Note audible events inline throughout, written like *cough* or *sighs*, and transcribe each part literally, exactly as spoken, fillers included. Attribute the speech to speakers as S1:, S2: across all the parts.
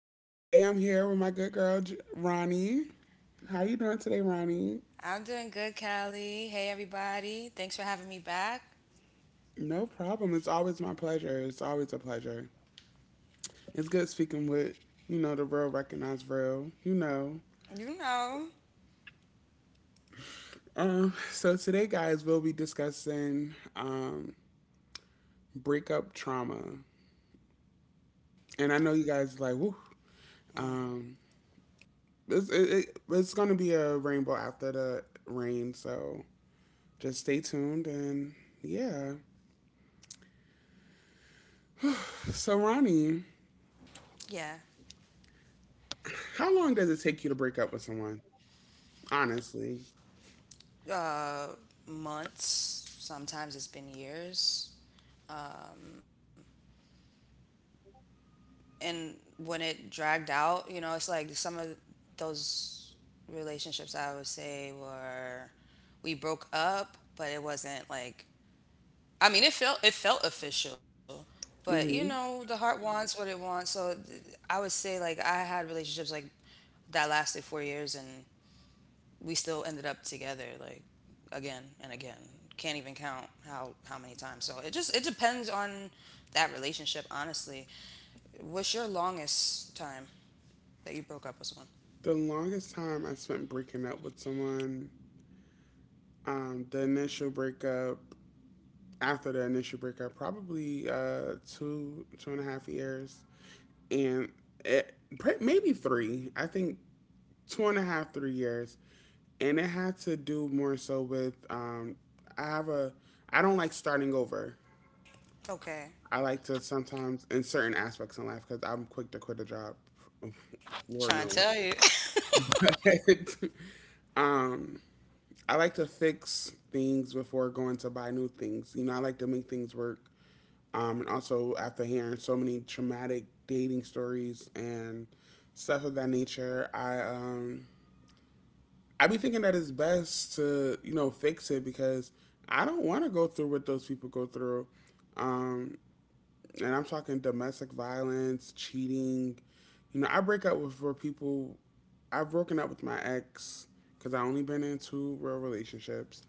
S1: And today I'm here with my good girl Ronnie. How you doing today, Ronnie?
S2: I'm doing good, Callie. Hey, everybody. Thanks for having me back.
S1: No problem. It's always my pleasure. It's always a pleasure. It's good speaking with, you know, the real recognized real, you know.
S2: You know,
S1: Um, so today guys we'll be discussing um breakup trauma. And I know you guys like, woo. Um it's it, it, it's gonna be a rainbow after the rain, so just stay tuned and yeah. So Ronnie,
S2: yeah,
S1: how long does it take you to break up with someone? Honestly,
S2: uh, months, sometimes it's been years. And when it dragged out, you know, it's like some of those relationships I would say were we broke up, but it wasn't like I mean, it felt it felt official, but you know,
S1: hmm
S2: the heart wants what it wants. So th- I would say like I had relationships like that lasted four years and we still ended up together like again and again. Can't even count how how many times. So it just it depends on that relationship, honestly. What's your longest time that you broke up with someone?
S1: the longest time I spent breaking up with someone, um, the initial breakup, after the initial breakup, probably uh, two two and a half years, and it, pre- maybe three. I think two and a half three years, and it had to do more so with um, I have a I don't like starting over.
S2: Okay,
S1: I like to sometimes in certain aspects in life because I'm quick to quit a job. *laughs* Lord
S2: trying to
S1: knows.
S2: tell you. *laughs*
S1: *laughs* um, I like to fix things before going to buy new things. You know, I like to make things work. Um, and also after hearing so many traumatic dating stories and stuff of that nature, I um I be thinking that it's best to you know fix it because I don't want to go through what those people go through. Um, and I'm talking domestic violence, cheating. You know, I break up with for people. I've broken up with my ex because I only been in two real relationships,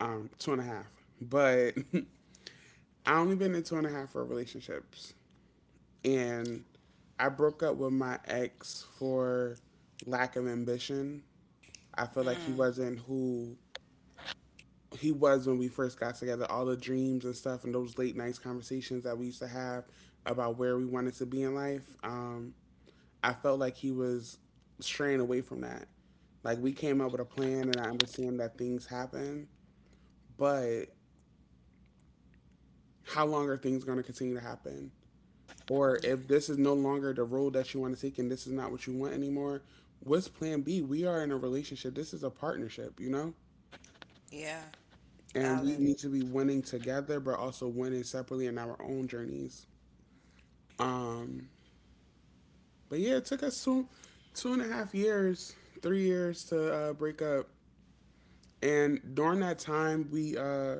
S1: um, two and a half. But *laughs* I only been in two and a half real relationships, and I broke up with my ex for lack of ambition. I feel like he
S2: Mm,
S1: wasn't who he was when we first got together. All the dreams and stuff, and those late nights conversations that we used to have about where we wanted to be in life. Um, I felt like he was straying away from that. Like we came up with a plan, and I understand that things happen, but how long are things going to continue to happen? Or
S2: Y-
S1: if this is no longer the road that you want to take, and this is not what you want anymore, what's Plan B? We are in a relationship. This is a partnership, you know,
S2: yeah,
S1: and we
S2: valid.
S1: need to be winning together, but also winning separately in our own journeys. Um, but yeah, it took us two, two and a half years, three years to uh, break up. And during that time, we uh,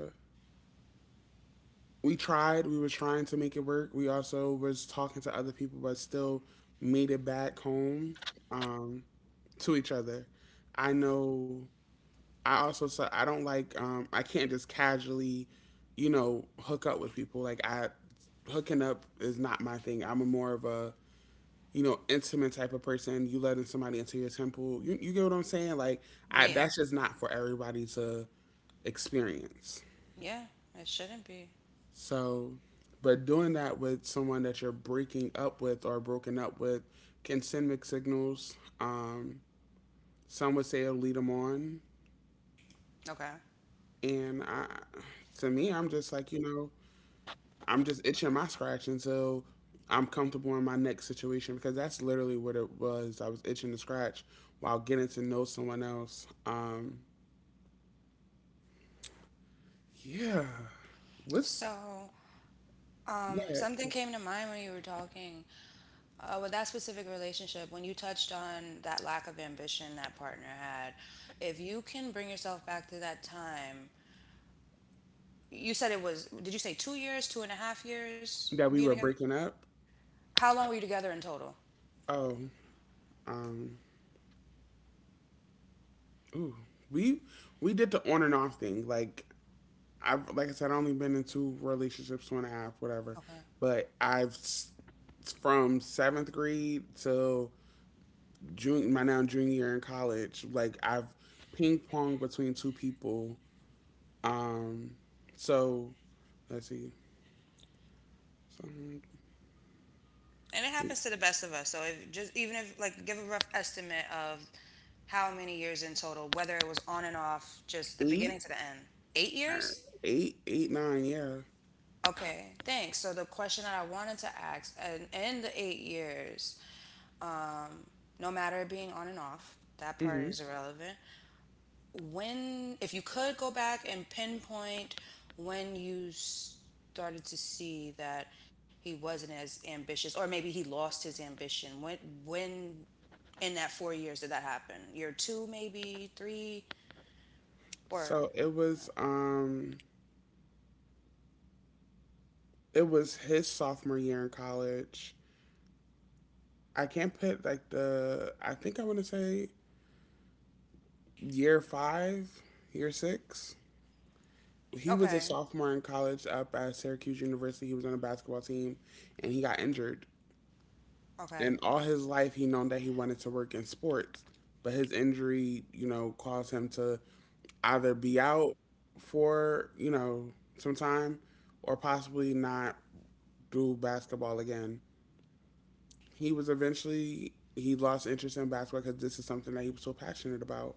S1: we tried. We were trying to make it work. We also was talking to other people, but still made it back home um, to each other. I know. I also said I don't like. Um, I can't just casually, you know, hook up with people. Like I hooking up is not my thing. I'm a more of a you know intimate type of person. You letting somebody into your temple. You you get what I'm saying? Like I,
S2: Yeah,
S1: that's just not for everybody to experience.
S2: yeah, it shouldn't be.
S1: So, but doing that with someone that you're breaking up with or broken up with can send mixed signals. Um, some would say it'll lead them on,
S2: Okay.
S1: and I, to me, I'm just like you know, I'm just itching my scratch until I'm comfortable in my next situation because that's literally what it was. I was itching to scratch while getting to know someone else. Um, yeah, what's
S2: So, um,
S1: that?
S2: something came to mind when you were talking. Uh, with that specific relationship, when you touched on that lack of ambition that partner had, if you can bring yourself back to that time, you said it was, did you say two years, two and a half years
S1: That we
S2: being
S1: were
S2: together?
S1: breaking up.
S2: How long were you together in total?
S1: Oh, um, ooh, we we did the on and off thing. Like I've like I said, I've only been in two relationships, two and a half, whatever.
S2: Okay.
S1: But I've s- from seventh grade till June, my now junior year in college, like I've ping ponged between two people. Um, so let's see, so
S2: And it happens to the best of us. So if just, even if, like, give a rough estimate of how many years in total, whether it was on and off, just the
S1: eight,
S2: beginning to the end. Eight years?
S1: eight, eight, nine, yeah.
S2: Okay, thanks. So the question that I wanted to ask, and in the eight years, um, no matter it being on and off, that part
S1: Hmm.
S2: is irrelevant. When, if you could go back and pinpoint when you started to see that he wasn't as ambitious, or maybe he lost his ambition, when, when in that four years did that happen? Year two, maybe three, or
S1: So it was um, it was his sophomore year in college. I can't put like the I think I want to say year five, year six. He was
S2: okay.
S1: a sophomore in college up at Syracuse University. He was on a basketball team, and he got injured.
S2: Okay,
S1: And all his life, he known that he wanted to work in sports, but his injury, you know, caused him to either be out for you know some time, or possibly not do basketball again. He was eventually he lost interest in basketball because this is something that he was so passionate about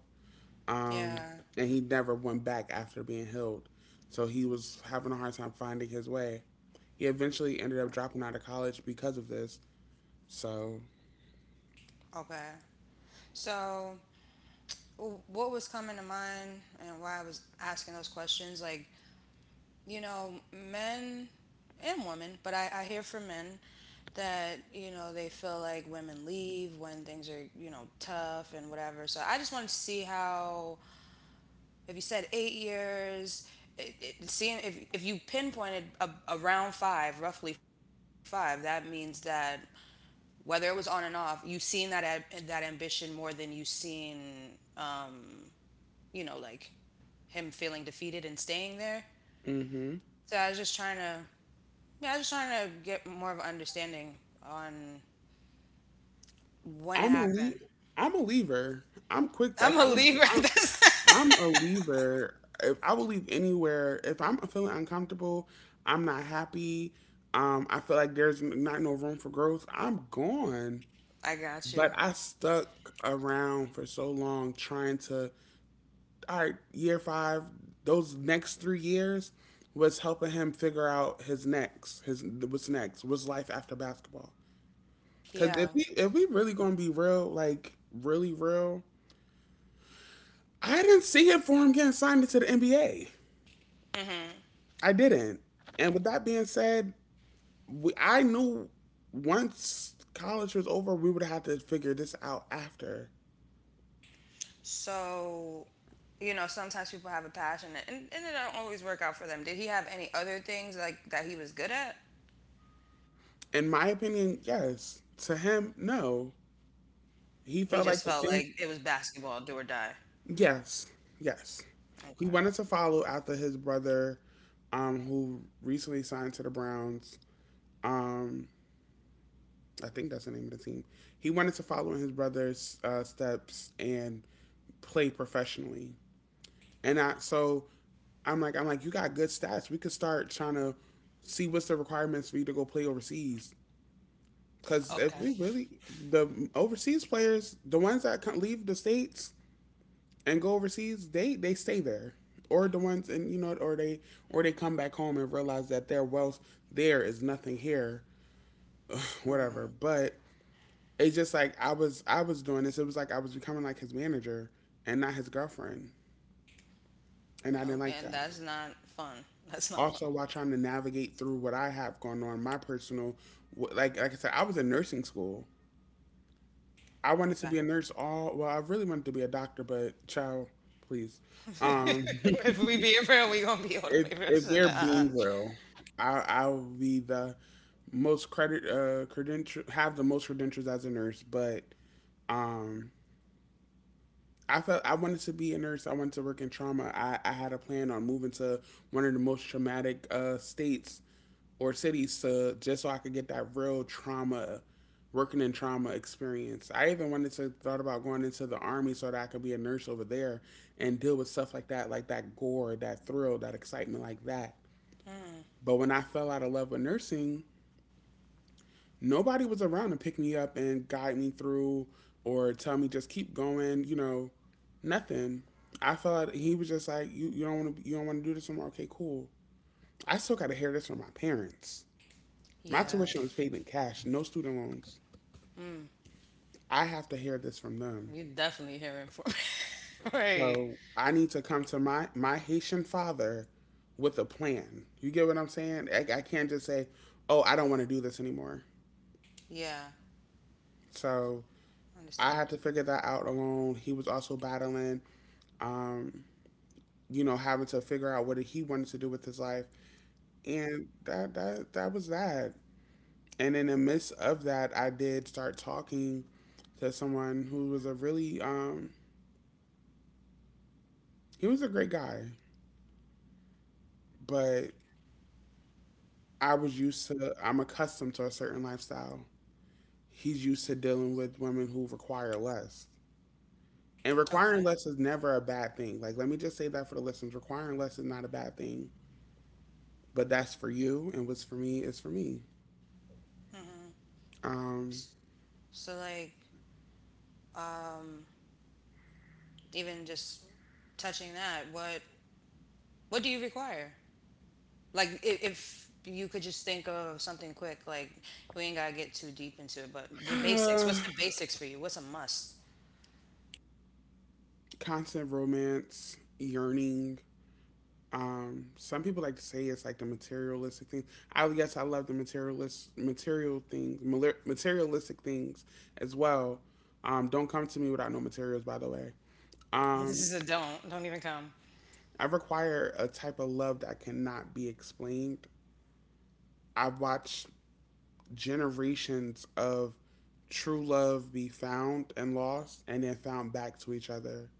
S1: um,
S2: yeah,
S1: and he never went back after being healed. So he was having a hard time finding his way. He eventually ended up dropping out of college because of this. So,
S2: okay. So, w- what was coming to mind and why I was asking those questions? Like, you know, men and women, but I, I hear from men that, you know, they feel like women leave when things are, you know, tough and whatever. So I just wanted to see how, if you said eight years, it, it, seeing if, if you pinpointed a, around five, roughly five, that means that whether it was on and off, you've seen that ab- that ambition more than you've seen, you know, like him feeling defeated and staying there.
S1: hmm.
S2: So I was just trying to Yeah, I was just trying to get more of an understanding on when it
S1: I'm a
S2: happened.
S1: le- I'm a leaver. I'm
S2: *laughs*
S1: quick. Like
S2: I'm a
S1: I'm,
S2: Libra. *laughs* That's-
S1: I'm I'm a leaver. If I will leave anywhere, if I'm feeling uncomfortable, I'm not happy. Um, I feel like there's n- not no room for growth. I'm gone.
S2: I got
S1: But
S2: you.
S1: I stuck around for so long trying to all right, year five, those next three years was helping him figure out his next, his what's next, what's life after basketball. Because if
S2: Yeah.
S1: we if we really gonna be real, like really real, I didn't see it for him getting signed into the N B A.
S2: Mm-hmm.
S1: I didn't. And with that being said, we, I knew once college was over, we would have to figure this out after.
S2: So, you know, sometimes people have a passion and, and it don't always work out for them. Did he have any other things like that he was good at?
S1: In my opinion, yes. To him, no.
S2: He just
S1: He felt
S2: felt
S1: like the
S2: like it was
S1: things
S2: basketball, do or die.
S1: Yes, yes.
S2: Okay.
S1: He wanted to follow after his brother, um, who recently signed to the Browns. Um, I think that's the name of the team. He wanted to follow in his brother's uh, steps and play professionally. And I, so I'm like, I'm like, you got good stats. We could start trying to see what's the requirements for you to go play overseas. Because if
S2: Okay.
S1: we really, the overseas players, the ones that come, leave the states, and go overseas, they they stay there, or the ones and you know, or they or they come back home and realize that their wealth there is nothing here, *laughs* whatever. But it's just like I was I was doing this. It was like I was becoming like his manager and not his girlfriend, and I didn't
S2: No,
S1: like
S2: and
S1: that.
S2: that's not fun. *laughs* That's not fun.
S1: Also, while trying to navigate through what I have going on, my personal, wh- like like I said, I was in nursing school. I wanted to
S2: Okay.
S1: be a nurse all well. I really wanted to be a doctor, but child, please.
S2: *laughs*
S1: Um, *laughs*
S2: If we be in real, we gonna be all
S1: if
S2: the way real.
S1: if
S2: So,
S1: we're
S2: nah.
S1: being real, I I will be the most credit uh credential have the most credentials as a nurse, but um I felt I wanted to be a nurse. I wanted to work in trauma. I, I had a plan on moving to one of the most traumatic uh states or cities to just so I could get that real trauma working in trauma experience. I even wanted to thought about going into the army so that I could be a nurse over there and deal with stuff like that, like that gore, that thrill, that excitement like that. But when I fell out of love with nursing, nobody was around to pick me up and guide me through or tell me just keep going, you know, nothing. I felt like he was just like, you you don't wanna you don't wanna do this anymore, okay, cool. I still gotta hear this from my parents. My
S2: Yeah.
S1: tuition was paid in cash, no student loans.
S2: Mm.
S1: I have to hear this from them.
S2: You're definitely hearing from *laughs* right.
S1: So I need to come to my, my Haitian father with a plan. You get what I'm saying? I, I can't just say, oh, I don't want to do this anymore.
S2: Yeah,
S1: So I had
S2: understood.
S1: to figure that out alone. He was also battling, um, you know, having to figure out what he wanted to do with his life, and that that that was that. And in the midst of that, I did start talking to someone who was a really, um, he was a great guy, but I was used to, I'm accustomed to a certain lifestyle. He's used to dealing with women who require less. And requiring
S2: Okay.
S1: less is never a bad thing. Like, let me just say that for the listeners. Requiring less is not a bad thing but that's for you, and what's for me is for me.
S2: hmm
S1: Um,
S2: So like even just touching that, what what do you require? Like if, if you could just think of something quick, like we ain't gotta get too deep into it, but the basics. What's the
S1: *sighs*
S2: basics for you? What's a must? *laughs*
S1: constant romance, yearning. Um, some people like to say it's like the materialistic thing. I would guess I love the materialist, material things, materialistic things as well. Um, don't come to me without no materials, by the way. Um,
S2: This is a don't. Don't even come.
S1: I require a type of love that cannot be explained. I've watched generations of true love be found and lost and then found back to each other.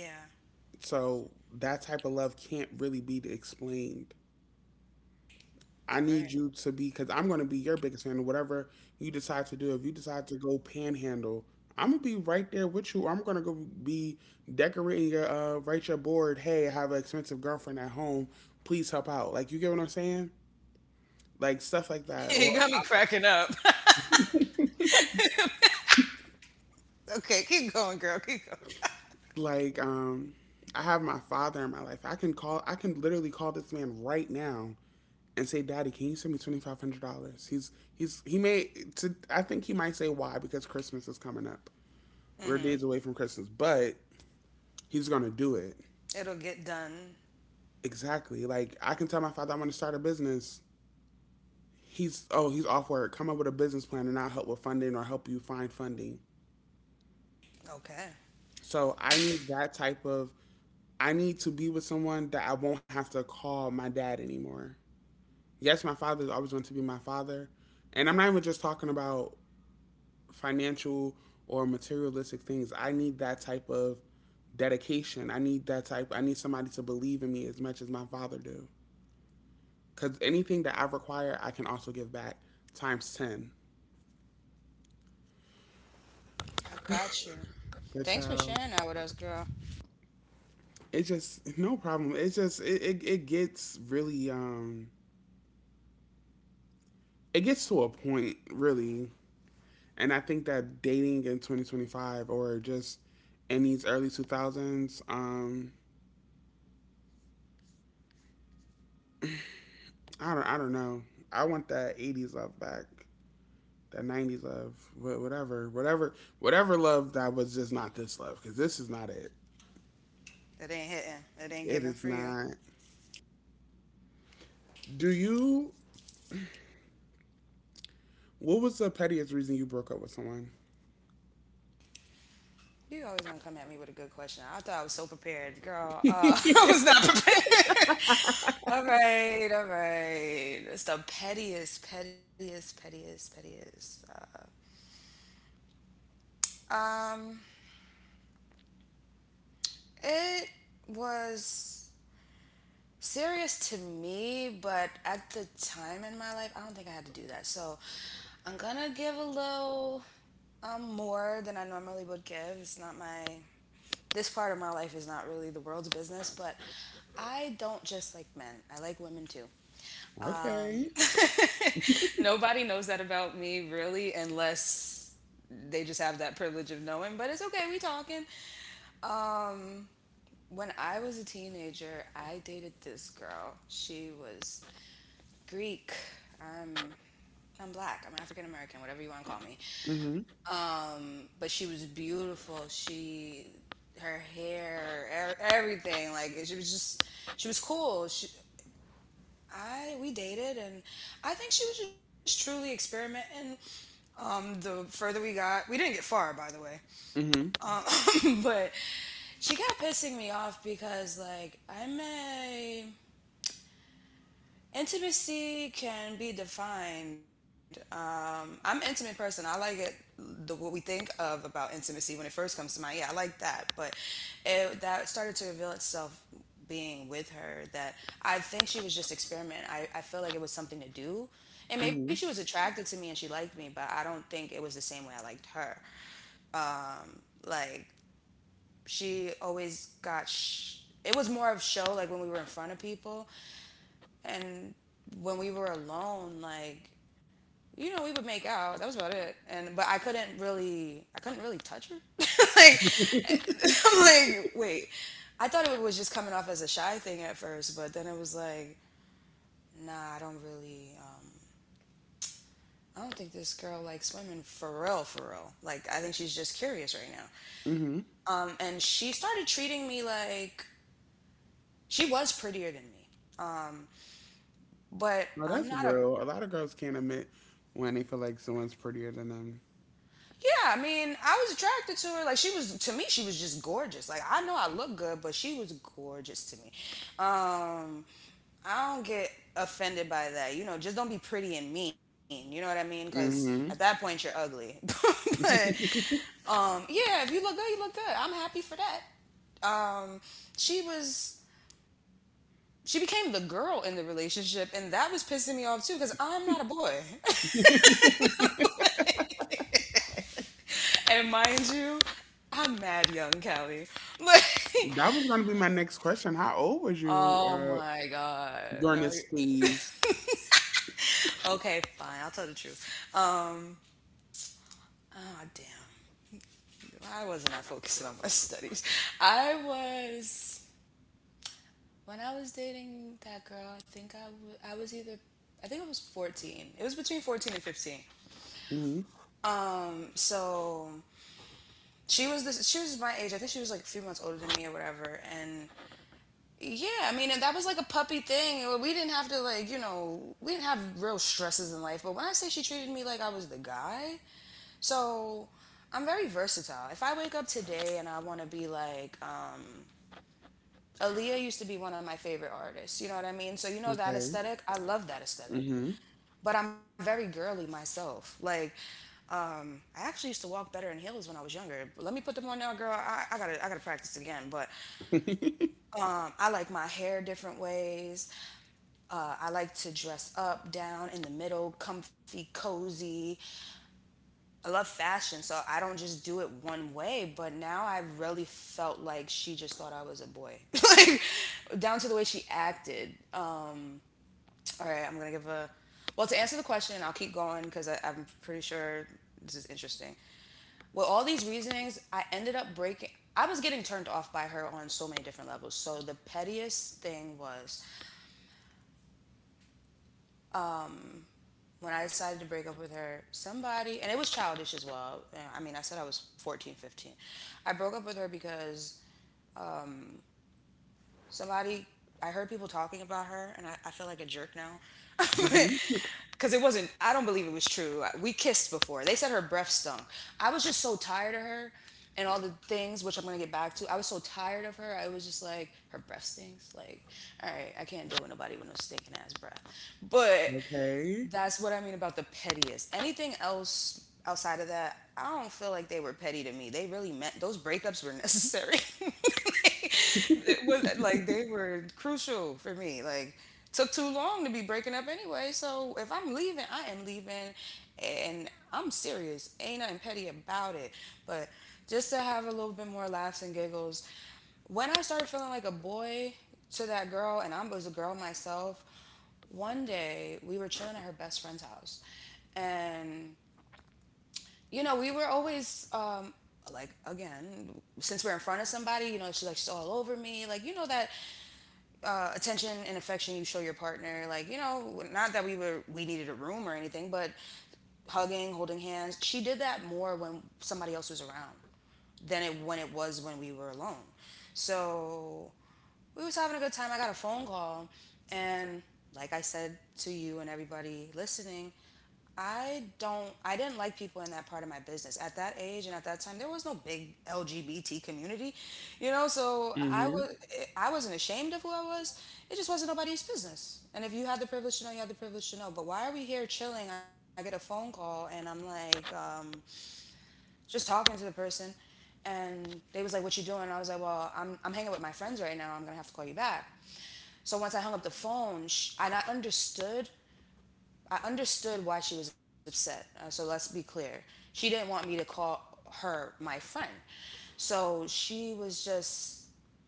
S2: Yeah.
S1: So that type of love can't really be explained. I need
S2: Right.
S1: you to be because I'm going to be your biggest fan. Of whatever you decide to do, if you decide to go panhandle, I'm gonna be right there with you. I'm gonna go be decorating your uh, write your board. Hey, I have an expensive girlfriend at home. Please help out. Like, you get what I'm saying? Like stuff like
S2: *laughs*
S1: that,
S2: You
S1: or
S2: got me cracking up. *laughs* Okay, keep going, girl. Keep
S1: like um I have my father in my life. I can call I can literally call this man right now and say, Daddy, can you send me twenty five hundred dollars? He's he's he may to, I think he might say why, because Christmas is coming up. We're days away
S2: going.
S1: from Christmas, but he's gonna do it.
S2: It'll get done.
S1: Exactly. Like, I can tell my father I want to start a business. He's oh, he's off work. Come up with a business plan and I'll help with funding or help you find funding.
S2: Okay.
S1: So I need that type of, I need to be with someone that I won't have to call my dad anymore. Yes, my father is always going to be my father. And I'm not even just talking about financial or materialistic things. I need that type of dedication. I need that type. I need somebody to believe in me as much as my father do. Cause anything that I require, I can also give back times ten.
S2: I got you.
S1: Good
S2: Thanks for
S1: child.
S2: sharing that with us, girl.
S1: It just no problem. It just it, it, it gets really um it gets to a point really. And I think that dating in twenty twenty-five, or just in these early two thousands, um, I don't, I don't know. I want that eighties love back, that nineties love, whatever, whatever, whatever love. That was just not this love, because this is not it.
S2: That ain't hitting.
S1: It
S2: That ain't
S1: is
S2: giving for
S1: not.
S2: you.
S1: Do you? What was the pettiest reason you broke up with someone?
S2: You always gonna come at me with a good question. I thought I was so prepared, girl. Uh, *laughs* I was not prepared. *laughs* All right, all right. It's the pettiest, pettiest, pettiest, pettiest. Um, it was. serious to me, but at the time in my life, I don't think I had to do that. So I'm gonna give a little um, more than I normally would give. It's not my This part of my life is not really the world's business, but I don't just like men. I like women too.
S1: Okay.
S2: Nobody knows that about me really unless they just have that privilege of knowing, but it's okay, we talking. When I was a teenager, I dated this girl. She was Greek. I'm I'm black. I'm African American, whatever you want to call me.
S1: Mhm.
S2: Um, but she was beautiful. She, her hair, er- everything. Like she was just, she was cool. She, I We dated, and I think she was just truly experimenting. Um, the further we got, we didn't get far, by the way,
S1: Mhm.
S2: *laughs* but she kept pissing me off because like I'm a intimacy can be defined. Um, I'm an intimate person. I like it the what we think of about intimacy when it first comes to mind. Yeah, I like that, but it, that started to reveal itself being with her that I think she was just experimenting. I, I feel like it was something to do. And maybe she was
S1: Mhm.
S2: attracted to me and she liked me, but I don't think it was the same way I liked her. Like she always got sh- it was more of show like when we were in front of people and when we were alone like you know, we would make out. That was about it. And But I couldn't really, I couldn't really touch her. *laughs* Like, *laughs* I'm like, wait. I thought it was just coming off as a shy thing at first, but then it was like, nah, I don't really. Um, I don't think this girl likes women for real, for real. Like, I think she's just curious right now.
S1: Mhm.
S2: Um, and she started treating me like she was prettier than me, but
S1: No,
S2: I'm
S1: that's
S2: not a
S1: real. A lot of girls can't admit when they feel like someone's prettier than them.
S2: yeah, I mean, I was attracted to her. Like she was to me, she was just gorgeous. Like I know I look good, but she was gorgeous to me. Um, I don't get offended by that. You know, just don't be pretty and mean. You know what I mean? Because at that
S1: Mhm.
S2: point, you're ugly. *laughs* But um, yeah, if you look good, you look good. I'm happy for that. Um, she was. She became the girl in the relationship, and that was pissing me off too, because I'm not a boy. *laughs* And mind you, I'm mad young, Callie. *laughs* Like,
S1: That was going to be my next question. How old was you
S2: oh
S1: uh,
S2: my God.
S1: during
S2: No. you-
S1: this phase?
S2: Okay, fine. I'll tell the truth. Um, oh, damn. Why wasn't I focusing on my *laughs* studies? I was, when I was dating that girl, I think I wa- I was either, I think it was fourteen. It was between 14 and 15.
S1: Hmm.
S2: Um, so she was this, she was my age. I think she was like a few months older than me or whatever. And yeah, I mean, and that was like a puppy thing. We didn't have to like, you know, we didn't have real stresses in life. But when I say she treated me like I was the guy, so I'm very versatile. If I wake up today and I want to be like, um, Aaliyah used to be one of my favorite artists. You know what I mean? So you know that
S1: Okay.
S2: aesthetic. I love that aesthetic.
S1: Hmm.
S2: But I'm very girly myself. Like, um, I actually used to walk better in heels when I was younger. Let me put them on now, girl. I, I gotta, I gotta practice again. But
S1: *laughs*
S2: um, I like my hair different ways. Uh, I like to dress up, down, in the middle, comfy, cozy. I love fashion, so I don't just do it one way. But now I really felt like she just thought I was a boy, *laughs* like down to the way she acted. Um, all right, I'm gonna give a. Well, to answer the question, I'll keep going because I'm pretty sure this is interesting. With all these reasonings, I ended up breaking. I was getting turned off by her on so many different levels. So the pettiest thing was when I decided to break up with her, somebody, and it was childish as well. I mean, I said I was fourteen, fifteen. I broke up with her because somebody I heard people talking about her, and I, I feel like a jerk now. *laughs*
S1: hmm.
S2: Because it wasn't, I don't believe it was true. We kissed before. They said her breath stunk. I was just so tired of her and all the things, which I'm going to get back to. I was so tired of her. I was just like, her breath stinks. Like, all right, I can't deal with nobody with no stinking ass breath. But
S1: Okay.
S2: that's what I mean about the pettiest. Anything else outside of that, I don't feel like they were petty to me. They really meant, those breakups were necessary. *laughs* It was like they were crucial for me. Like took too long to be breaking up anyway. So if I'm leaving, I am leaving, and I'm serious. Ain't nothing petty about it. But just to have a little bit more laughs and giggles. When I started feeling like a boy to that girl, and I was a girl myself, one day we were chilling at her best friend's house and you know we were always um like again, since we're in front of somebody, you know, she's like, she's all over me, like, you know, that uh, attention and affection you show your partner. Like, you know, not that we were we needed a room or anything, but hugging, holding hands. She did that more when somebody else was around than it when it was when we were alone. So we was having a good time. I got a phone call, and like I said to you and everybody listening, I don't I didn't like people in that part of my business. At that age and at that time there was no big L G B T community, you know, so I
S1: Hmm.
S2: was I wasn't ashamed of who I was. It just wasn't nobody's business. And if you had the privilege to know, you had the privilege to know. But why are we here chilling? I get a phone call and I'm like, um, just talking to the person, and they was like, what you doing? I was like, "Well, I'm I'm hanging with my friends right now. I'm going to have to call you back." So once I hung up the phone, sh- and I understood. I understood why she was upset. Uh, so let's be clear. She didn't want me to call her my friend. So she was just,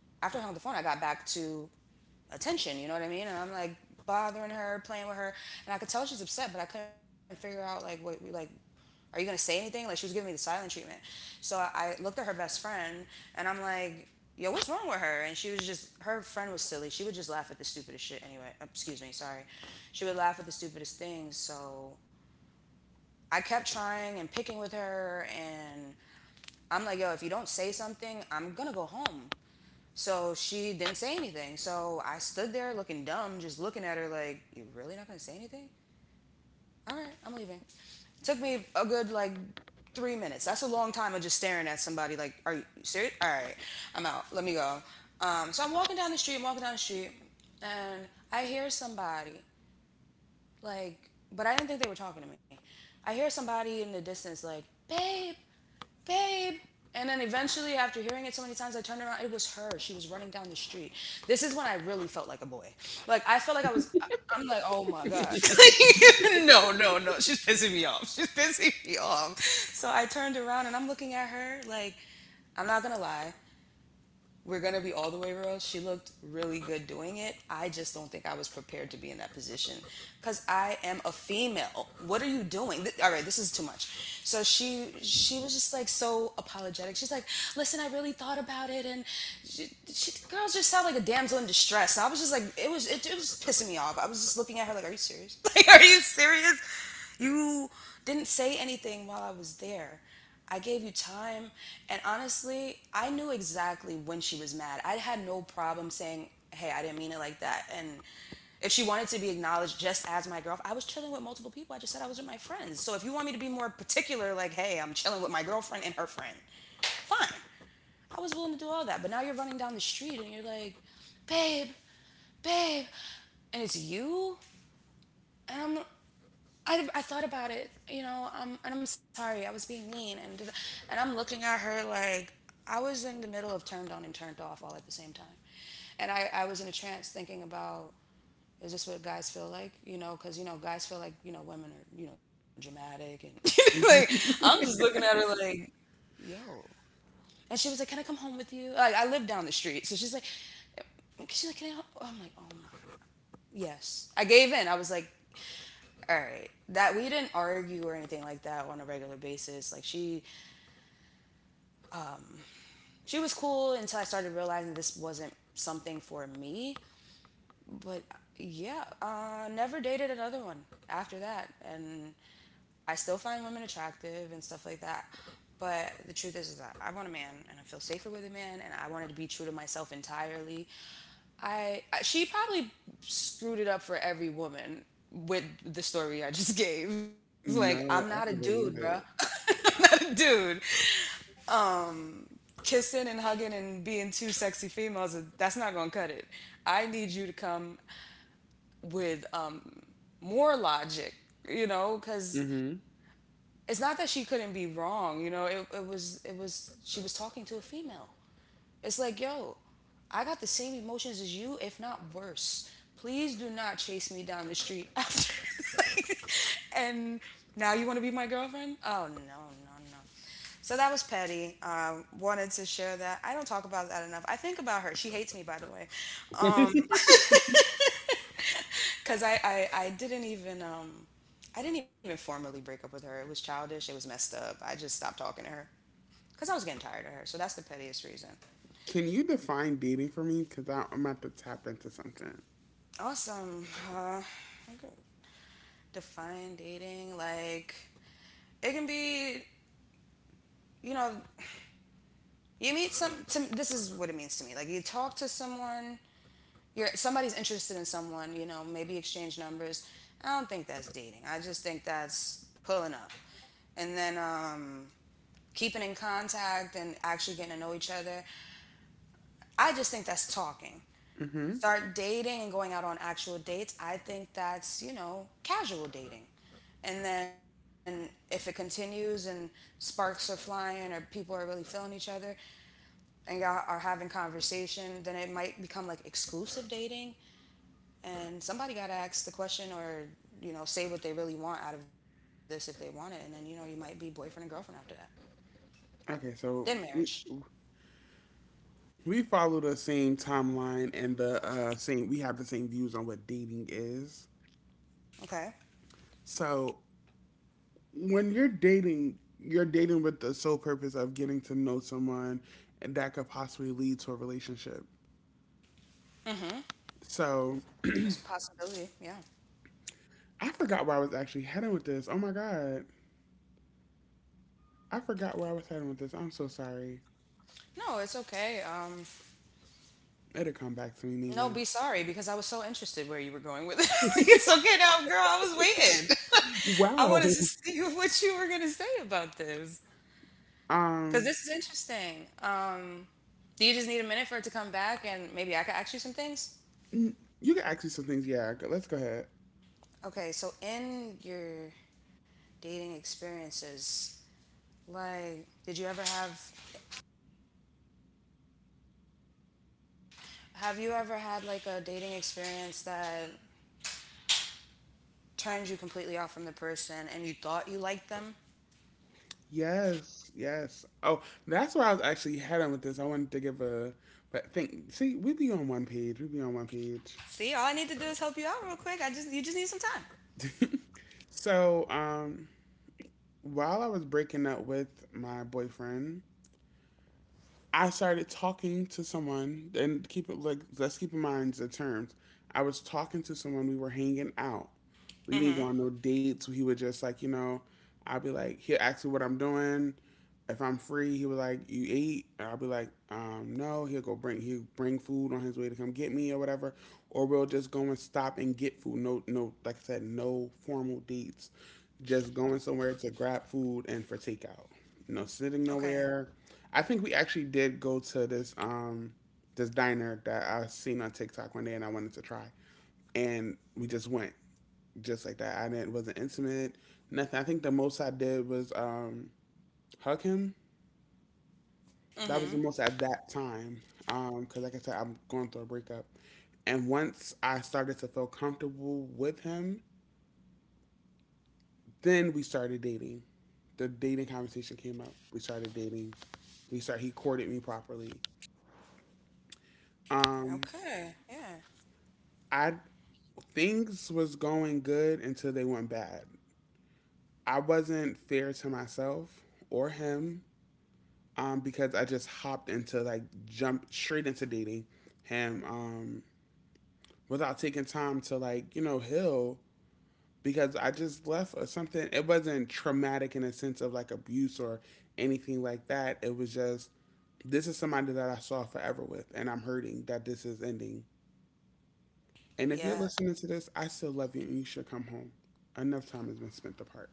S2: after I hung up the phone, I got back to attention, you know what I mean? And I'm like bothering her, playing with her. And I could tell she's upset, but I couldn't figure out, like, what, like, are you gonna say anything? Like, she was giving me the silent treatment. So I, I looked at her best friend and I'm like, yo, what's wrong with her? And she was just, her friend was silly. She would just laugh at the stupidest shit anyway. Um, Excuse me, sorry. She would laugh at the stupidest things. So I kept trying and picking with her, and I'm like, yo, if you don't say something, I'm gonna go home. So she didn't say anything. So I stood there looking dumb, just looking at her like, you really not gonna say anything? All right, I'm leaving. It took me a good like three minutes. That's a long time of just staring at somebody like, are you serious? All right, I'm out. Let me go. Um, so I'm walking down the street, I'm walking down the street, and I hear somebody like, but I didn't think they were talking to me. I hear somebody in the distance like, babe, babe. And then eventually, after hearing it so many times, I turned around. It was her. She was running down the street. This is when I really felt like a boy. Like I felt like I was. I- I'm like, oh my god. *laughs* no, no, no. She's pissing me off. She's pissing me off. So I turned around and I'm looking at her like, I'm not gonna lie, we're gonna be all the way real. She looked really good doing it. I just don't think I was prepared to be in that position because I am a female. What are you doing? Th- all right, this is too much. So she she was just like so apologetic. She's like, listen, I really thought about it, and she, she, girls just sound like a damsel in distress. So I was just like, it was it, it was pissing me off. I was just looking at her like, are you serious? *laughs* Like, are you serious? You didn't say anything while I was there. I gave you time. And honestly, I knew exactly when she was mad. I had no problem saying, hey, I didn't mean it like that. And if she wanted to be acknowledged just as my girlfriend, I was chilling with multiple people. I just said I was with my friends. So if you want me to be more particular, like, hey, I'm chilling with my girlfriend and her friend, fine. I was willing to do all that. But now you're running down the street and you're like, babe, babe. And it's you? And I'm I, I thought about it, you know, um, and I'm sorry, I was being mean, and and I'm looking at her like I was in the middle of turned on and turned off all at the same time, and I, I was in a trance thinking about, is this what guys feel like? You know, because you know guys feel like, you know, women are, you know, dramatic and *laughs* like I'm just looking at her like, yo, and she was like, can I come home with you? Like I live down the street, so she's like, she's like, can I? ho-" I'm like, oh my, yes, I gave in. I was like, all right, that we didn't argue or anything like that on a regular basis. Like she she was cool until I started realizing this wasn't something for me. But yeah, uh never dated another one after that, and I still find women attractive and stuff like that, but the truth is, is that I want a man and I feel safer with a man, and I wanted to be true to myself entirely. I She probably screwed it up for every woman with the story I just *laughs* gave. Like
S1: No,
S2: I'm
S1: I
S2: not a
S1: can believe
S2: dude, bro.
S1: it.
S2: *laughs* I'm not a dude. Kissing and hugging and being two sexy females is- that's not gonna cut it. I need you to come with, um, more logic, you know, because
S1: Hmm.
S2: it's not that she couldn't be wrong, you know. It, it was it was she was talking to a female. It's like, yo, I got the same emotions as you, if not worse. Please do not chase me down the street after. *laughs* like, and now you want to be my girlfriend? Oh, no, no, no. So that was petty. Um, wanted to share that. I don't talk about that enough. I think about her. She hates me, by the way, because I, I I didn't even um I didn't even formally break up with her. It was childish. It was messed up. I just stopped talking to her because I was getting tired of her. So that's the pettiest reason.
S1: Can you define dating for me? Because I'm about to tap into something.
S2: Awesome. Uh, I could define dating like it can be. You know, you meet some. To, this is what it means to me. Like you talk to someone. You're somebody's interested in someone. You know, maybe exchange numbers. I don't think that's dating. I just think that's pulling up, and then, um, keeping in contact and actually getting to know each other. I just think that's talking.
S1: Hmm.
S2: Start dating and going out on actual dates, I think that's, you know, casual dating. And then if it continues and sparks are flying or people are really feeling each other and y'all are having conversation, then it might become like exclusive dating. And somebody got to ask the question or, you know, say what they really want out of this if they want it. And then, you know, you might be boyfriend and girlfriend after that.
S1: Okay,
S2: Then
S1: so
S2: marriage.
S1: we, we follow the same timeline and the uh, same. We have the same views on what dating is.
S2: Okay.
S1: So when you're dating, you're dating with the sole purpose of getting to know someone that could possibly lead to a relationship.
S2: Mm.
S1: So
S2: There's a possibility. Yeah.
S1: I forgot where I was actually heading with this. Oh my god. I forgot where I was heading with this. I'm so sorry.
S2: No, it's okay. Um.
S1: It'll come back to me
S2: No,
S1: maybe.
S2: be sorry, because I was so interested where you were going with it. *laughs* it's okay now, girl. I was waiting. *laughs* I wanted to see *laughs* what you were gonna say about this because
S1: Um
S2: this is interesting. Um, do you just need a minute for it to come back and maybe I could ask you some things?
S1: n- you can ask me some things, yeah. go- Let's go ahead.
S2: Okay, so in your dating experiences, like, did you ever have have you ever had like a dating experience that turned you completely off from the person and you thought you liked them?
S1: Yes, yes. Oh, that's where I was actually heading with this. I wanted to give a but think, see, we be on one page. We be on one page. *laughs*
S2: See, all I need to do is help you out real quick. I just you just need some time.
S1: So, um while I was breaking up with my boyfriend, I started talking to someone, and keep it like, let's keep in mind the terms. I was talking to someone. We were hanging out. We didn't go on
S2: Mm-hmm.
S1: no dates. He would just, like, you know, I'd be like, he'd ask me what I'm doing. If I'm free, he would like you eat. And I'd be like, um no. He'll go bring he'll bring food on his way to come get me or whatever. Or we'll just go and stop and get food. No, no, like I said, no formal dates. Just going somewhere to grab food and for takeout. No sitting
S2: Okay.
S1: nowhere. I think we actually did go to this um this diner that I seen on TikTok one day and I wanted to try. And we just went just like that. I didn't wasn't intimate, nothing. I think the most I did was um hug him.
S2: Mm-hmm.
S1: That was the most at that time. Um, 'cause cause like I said, I'm going through a breakup. And once I started to feel comfortable with him, then we started dating. The dating conversation came up. We started dating. He started he courted me properly. Um,
S2: Okay. Yeah.
S1: I things was going good until they went bad. I wasn't fair to myself or him, um, because I just hopped into, like, jump straight into dating him, um, without taking time to, like, you know, heal because I just left or something. It wasn't traumatic in a sense of like abuse or anything like that. It was just, this is somebody that I saw forever with, and I'm hurting that this is ending. And if you're
S2: Yeah.
S1: listening to this, I still love you and you should come home. Enough time has been spent apart.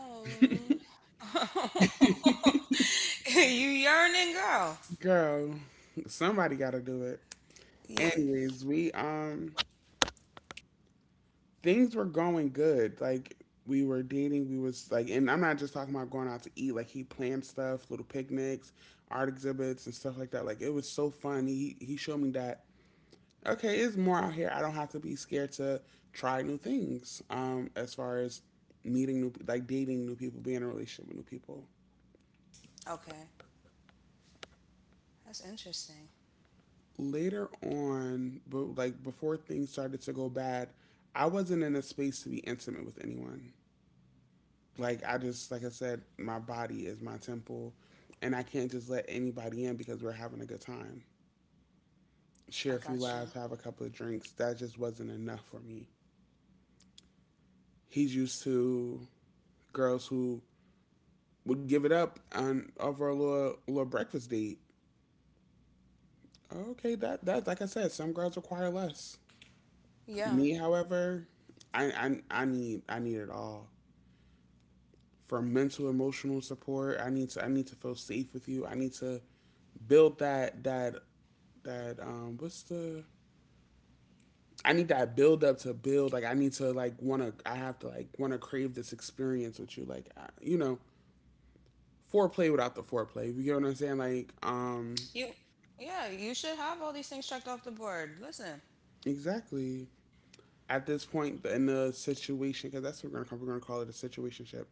S2: Oh. *laughs* you yearning girl.
S1: Girl, somebody gotta do it.
S2: Yeah.
S1: Anyways, we um things were going good. Like, we were dating, we was like, and I'm not just talking about going out to eat, like he planned stuff, little picnics, art exhibits and stuff like that. Like it was so fun. He he showed me that, okay, it's more out here. I don't have to be scared to try new things. Um, as far as meeting new, like dating new people, being in a relationship with new people.
S2: Okay. That's interesting.
S1: Later on, but like before things started to go bad, I wasn't in a space to be intimate with anyone. Like I just, like I said, my body is my temple and I can't just let anybody in because we're having a good time. Share a
S2: I
S1: few
S2: got you.
S1: laughs, have a couple of drinks. That just wasn't enough for me. He's used to girls who would give it up on over a little little breakfast date. Okay, that that's like I said, some girls require less.
S2: Yeah.
S1: Me, however, I, I I need I need it all. For mental emotional support. I need to I need to feel safe with you. I need to build that that that um what's the, I need that build up to build, like I need to, like, want to, I have to, like, want to crave this experience with you. Like, I, you know, foreplay without the foreplay. You get what I'm saying? Like
S2: You
S1: um
S2: Yeah, you should have all these things checked off the board. Listen.
S1: exactly. At this point in the situation, because that's what we're gonna call, we're gonna call it a situationship.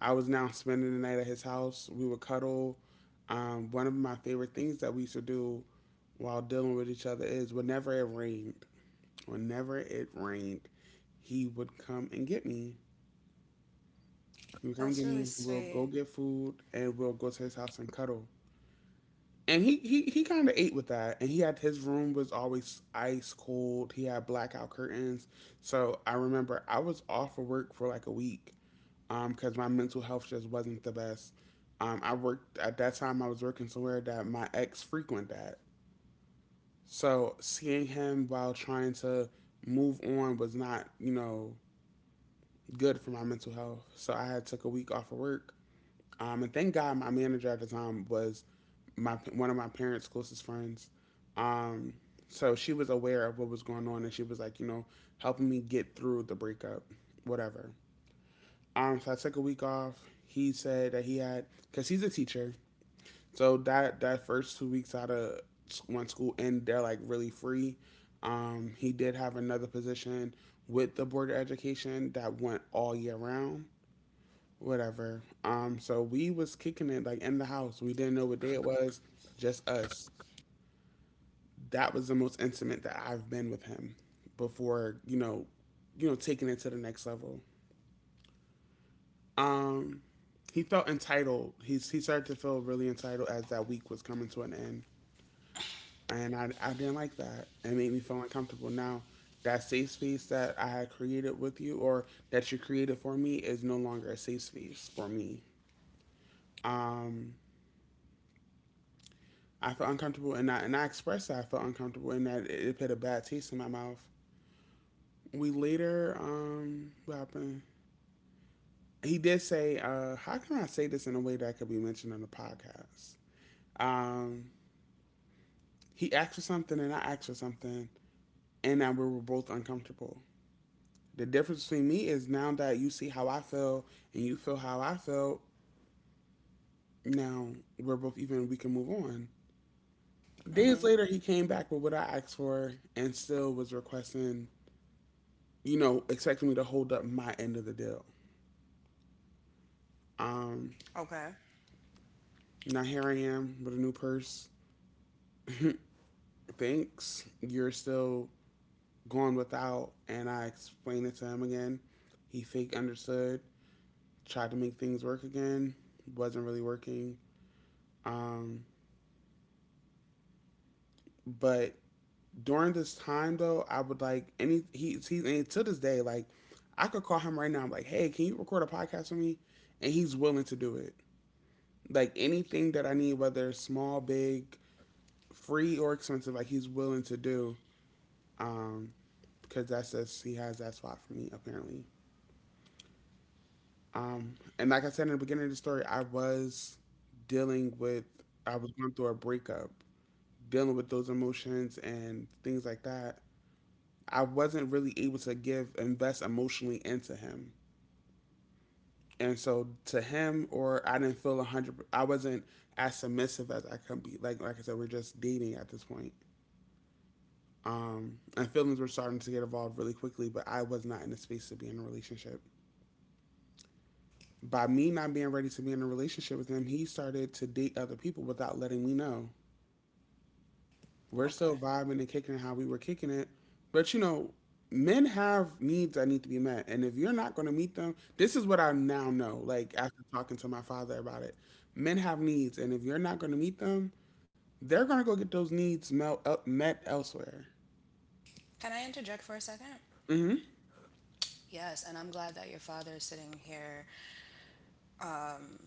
S1: I was now spending the night at his house. We would cuddle. Um, one of my favorite things that we used to do while dealing with each other is whenever it rained, whenever it rained, he would come and get me. He would come and
S2: That's
S1: get
S2: really
S1: me. We'll
S2: sweet.
S1: go get food and we'll go to his house and cuddle, and he he he kind of ate with that, and he had his room was always ice cold, he had blackout curtains. So I remember I was off of work for like a week, um because my mental health just wasn't the best. um I worked at that time I was working somewhere that my ex frequented at. So seeing him while trying to move on was not, you know, good for my mental health, so I had took a week off of work. Um, and thank God my manager at the time was my one of my parents' closest friends. Um, so she was aware of what was going on and she was like, you know, helping me get through the breakup, whatever. Um, so I took a week off. He said that he had, because he's a teacher. So that, that first two weeks out of one school and they're like really free. Um, he did have another position with the Board of Education that went all year round whatever. Um, so we was kicking it like in the house. We didn't know what day it was, just us. That was the most intimate that I've been with him before, you know, you know, taking it to the next level. Um, he felt entitled. He's he started to feel really entitled as that week was coming to an end, and I I didn't like that. It made me feel uncomfortable. Now that safe space that I had created with you, or that you created for me, is no longer a safe space for me. Um, I felt uncomfortable, and I and I expressed that I felt uncomfortable and that it, it put a bad taste in my mouth. We later um what happened? He did say, uh, how can I say this in a way that could be mentioned on the podcast? Um, he asked for something and I asked for something and that we were both uncomfortable. The difference between me is, now that you see how I feel and you feel how I felt, now we're both even, we can move on.
S2: Mm-hmm.
S1: Days later he came back with what I asked for and still was requesting, you know, expecting me to hold up my end of the deal. Um,
S2: Okay.
S1: now here I am with a new purse. Thanks. You're still going without. And I explained it to him again. He fake understood, tried to make things work again, wasn't really working. Um, but during this time though, I would like any he he and to this day, like I could call him right now, I'm like, hey, can you record a podcast for me? And he's willing to do it. Like anything that I need, whether it's small, big, free or expensive, like he's willing to do. Um, because that's just he has that spot for me apparently. Um, and like I said in the beginning of the story, I was dealing with I was going through a breakup, dealing with those emotions and things like that. I wasn't really able to give invest emotionally into him. And so to him or I didn't feel a hundred. I wasn't as submissive as I could be. Like like I said, we're just dating at this point. Um, and feelings were starting to get involved really quickly, but I was not in a space to be in a relationship. By me not being ready to be in a relationship with him, he started to date other people without letting me know. We're
S2: Okay.
S1: still vibing and kicking it how we were kicking it. But you know, men have needs that need to be met. And if you're not going to meet them, this is what I now know, like after talking to my father about it. Men have needs. And if you're not going to meet them, they're going to go get those needs mel- el- met elsewhere.
S2: Can I interject for a second?
S1: Mm
S2: Yes, and I'm glad that your father is sitting here, um,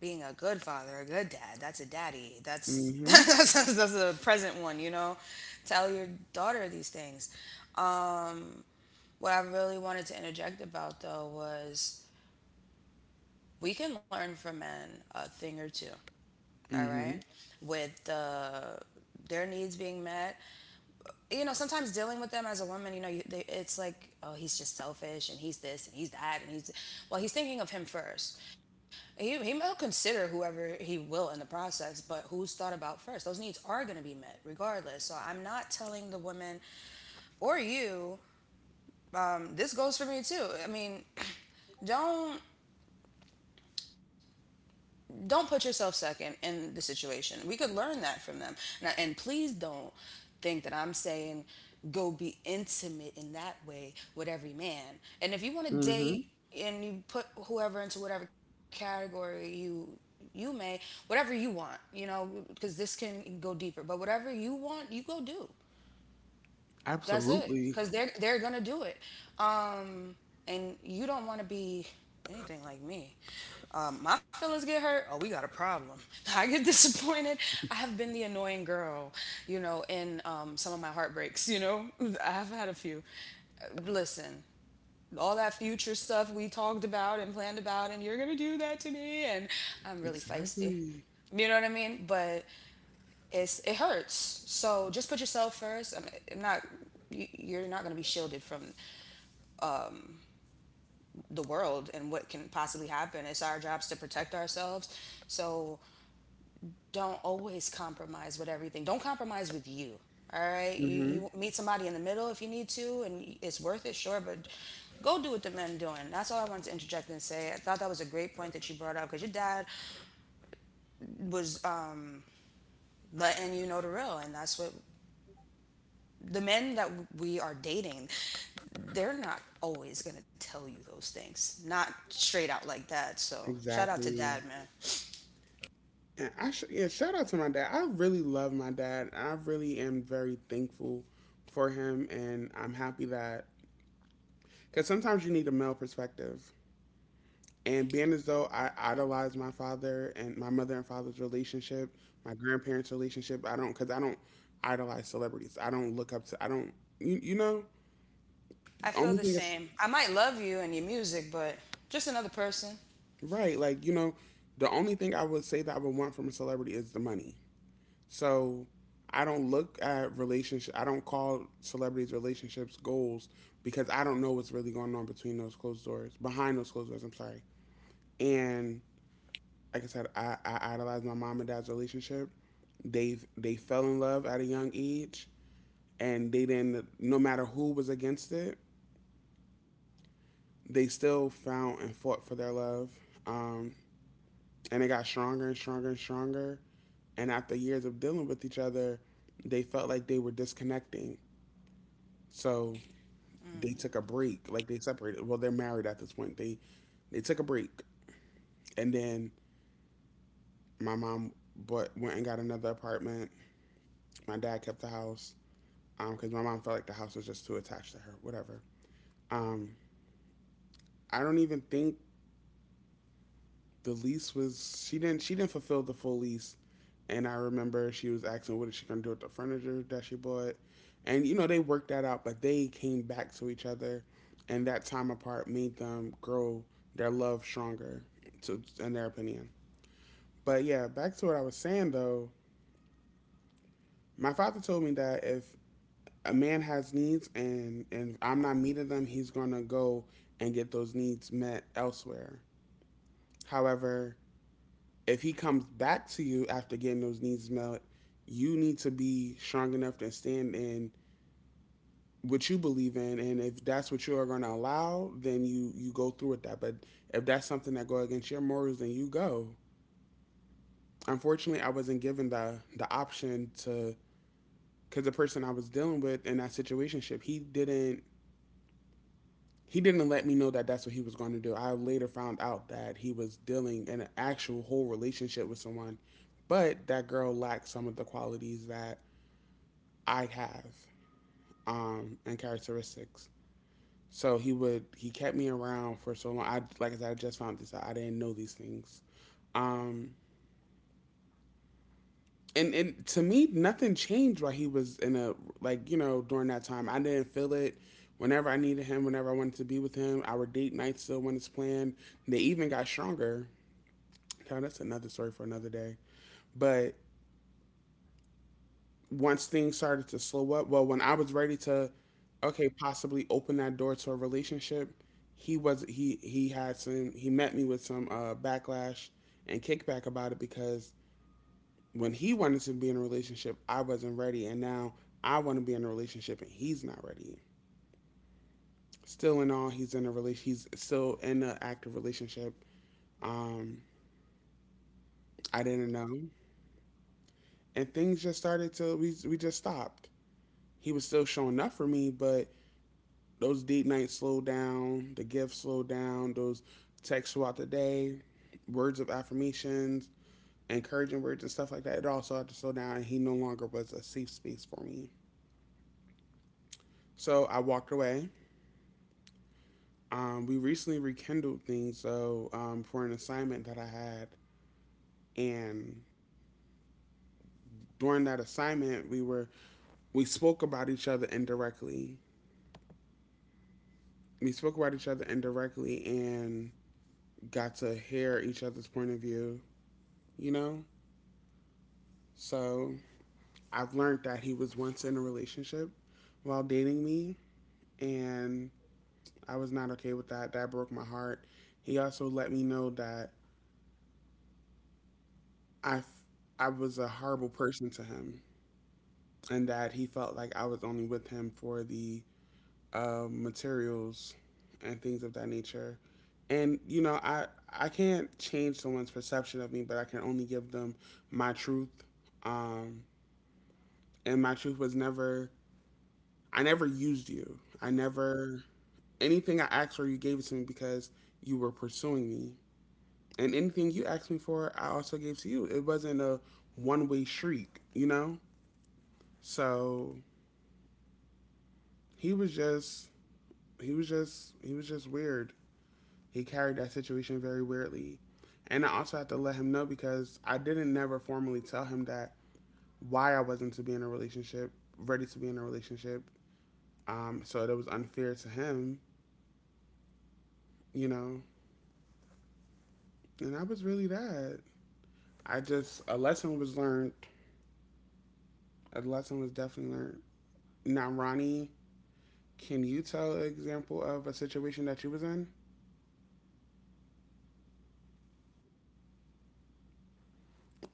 S2: being a good father, a good dad. That's a daddy.
S1: hmm.
S2: That's
S1: Mm
S2: *laughs*
S1: hmm.
S2: that's, that's a present one, you know. Tell your daughter these things. Um, what I really wanted to interject about though was we can learn from men a thing or two, all
S1: Mm hmm.
S2: right, with uh, their needs being met, you know, sometimes dealing with them as a woman, you know, you, they, it's like, oh, he's just selfish and he's this and he's that and he's, well, he's thinking of him first. He, he will consider whoever he will in the process, but who's thought about first? Those needs are going to be met regardless. So I'm not telling the women or you, um, this goes for me too. I mean, *clears throat* don't don't put yourself second in the situation. We could learn that from them. And, and please don't think that I'm saying go be intimate in that way with every man. And if you want to
S1: Mm hmm.
S2: date and you put whoever into whatever category you you may, whatever you want, you know, because this can go deeper. But whatever you want, you go do. That's it,
S1: Absolutely.
S2: because they're they're gonna do it, um, and you don't want to be anything like me. Um, my feelings get hurt. Oh, we got a problem. *laughs* I get disappointed. I have been the annoying girl, you know, in um, some of my heartbreaks. You know, *laughs* I've had a few. Uh, Listen, all that future stuff we talked about and planned about, and you're gonna do that to me, and I'm really feisty.
S1: Exactly.
S2: You know what I mean? But it's it hurts. So just put yourself first. I'm, I'm not. you- are not going to be shielded from the world and what can possibly happen. It's our jobs to protect ourselves. So don't always compromise with everything. Don't compromise with you. All right. You
S1: Hmm.
S2: you meet somebody in the middle if you need to, and it's worth it, sure. But go do what the men doing. That's all I wanted to interject and say. I thought that was a great point that you brought up because your dad was um, letting you know the real, and that's what the men that we are dating, they're not always going to tell you those things, not straight out like that. So shout out to dad,
S1: Exactly.
S2: man.
S1: And I sh- yeah, shout out to my dad. I really love my dad. I really am very thankful for him, and I'm happy that, because sometimes you need a male perspective. And being as though I idolize my father and my mother and father's relationship, my grandparents' relationship, I don't because I don't idolize celebrities. I don't look up to. I don't. You you know.
S2: I feel
S1: Only
S2: the
S1: thing is,
S2: same. I might love you and your music, but just another person.
S1: right. Like you know, the only thing I would say that I would want from a celebrity is the money. So I don't look at relationship. I don't call celebrities relationships goals because I don't know what's really going on between those closed doors, behind those closed doors. I'm sorry. And like I said, I, I idolized my mom and dad's relationship. They they fell in love at a young age, and they didn't. No matter who was against it, they still found and fought for their love. Um, and it got stronger and stronger and stronger. And after years of dealing with each other, they felt like they were disconnecting. So they took a break. Like they separated. Well, they're married at this point. They they took a break, and then my mom but went and got another apartment. My dad kept the house, um, because my mom felt like the house was just too attached to her. Whatever. Um, I don't even think the lease was, she didn't she didn't fulfill the full lease, and I remember she was asking what is she gonna do with the furniture that she bought, and you know they worked that out, but they came back to each other, and that time apart made them grow their love stronger, to in their opinion. But yeah, back to what I was saying though, my father told me that if a man has needs and and I'm not meeting them, he's gonna go and get those needs met elsewhere. However, if he comes back to you after getting those needs met, you need to be strong enough to stand in what you believe in, and if that's what you're going to allow, then you you go through with that. But if that's something that goes against your morals, then you go. Unfortunately, I wasn't given the the option to, because the person I was dealing with in that situation, he didn't, he didn't let me know that that's what he was going to do. I later found out that he was dealing in an actual whole relationship with someone, but that girl lacked some of the qualities that I have, um, and characteristics. So he would he kept me around for so long. I like I said, I just found this out. I didn't know these things. Um, and and to me, nothing changed while he was in a, like you know, during that time. I didn't feel it. Whenever I needed him, whenever I wanted to be with him, our date nights still when it's planned. They even got stronger. Now that's another story for another day. But once things started to slow up, well, when I was ready to, okay, possibly open that door to a relationship, he was he he had some he met me with some uh, backlash and kickback about it, because when he wanted to be in a relationship, I wasn't ready, and now I want to be in a relationship, and he's not ready. Still in all, he's in a relation. He's still in an active relationship. Um, I didn't know, and things just started to, we we just stopped. He was still showing up for me, but those date nights slow down, the gifts slow down, those texts throughout the day, words of affirmations, encouraging words and stuff like that. It also had to slow down, and he no longer was a safe space for me. So I walked away. Um, we recently rekindled things, so um, for an assignment that I had, and during that assignment, we were we spoke about each other indirectly. We spoke about each other indirectly, and got to hear each other's point of view. You know. So I've learned that he was once in a relationship while dating me, and I was not okay with that. That broke my heart. He also let me know that I, f- I was a horrible person to him, and that he felt like I was only with him for the uh, materials and things of that nature. And you know, I I can't change someone's perception of me, but I can only give them my truth. Um, and my truth was never, I never used you. I never, anything I asked for, you gave it to me because you were pursuing me. And anything you asked me for, I also gave to you. It wasn't a one way shriek, you know? So he was just he was just he was just weird. He carried that situation very weirdly. And I also had to let him know, because I didn't never formally tell him that why I wasn't to be in a relationship, ready to be in a relationship. Um, so it was unfair to him, you know. And that was really that. I just, a lesson was learned. A lesson was definitely learned. Now, Ronnie, can you tell an example of a situation that you was in?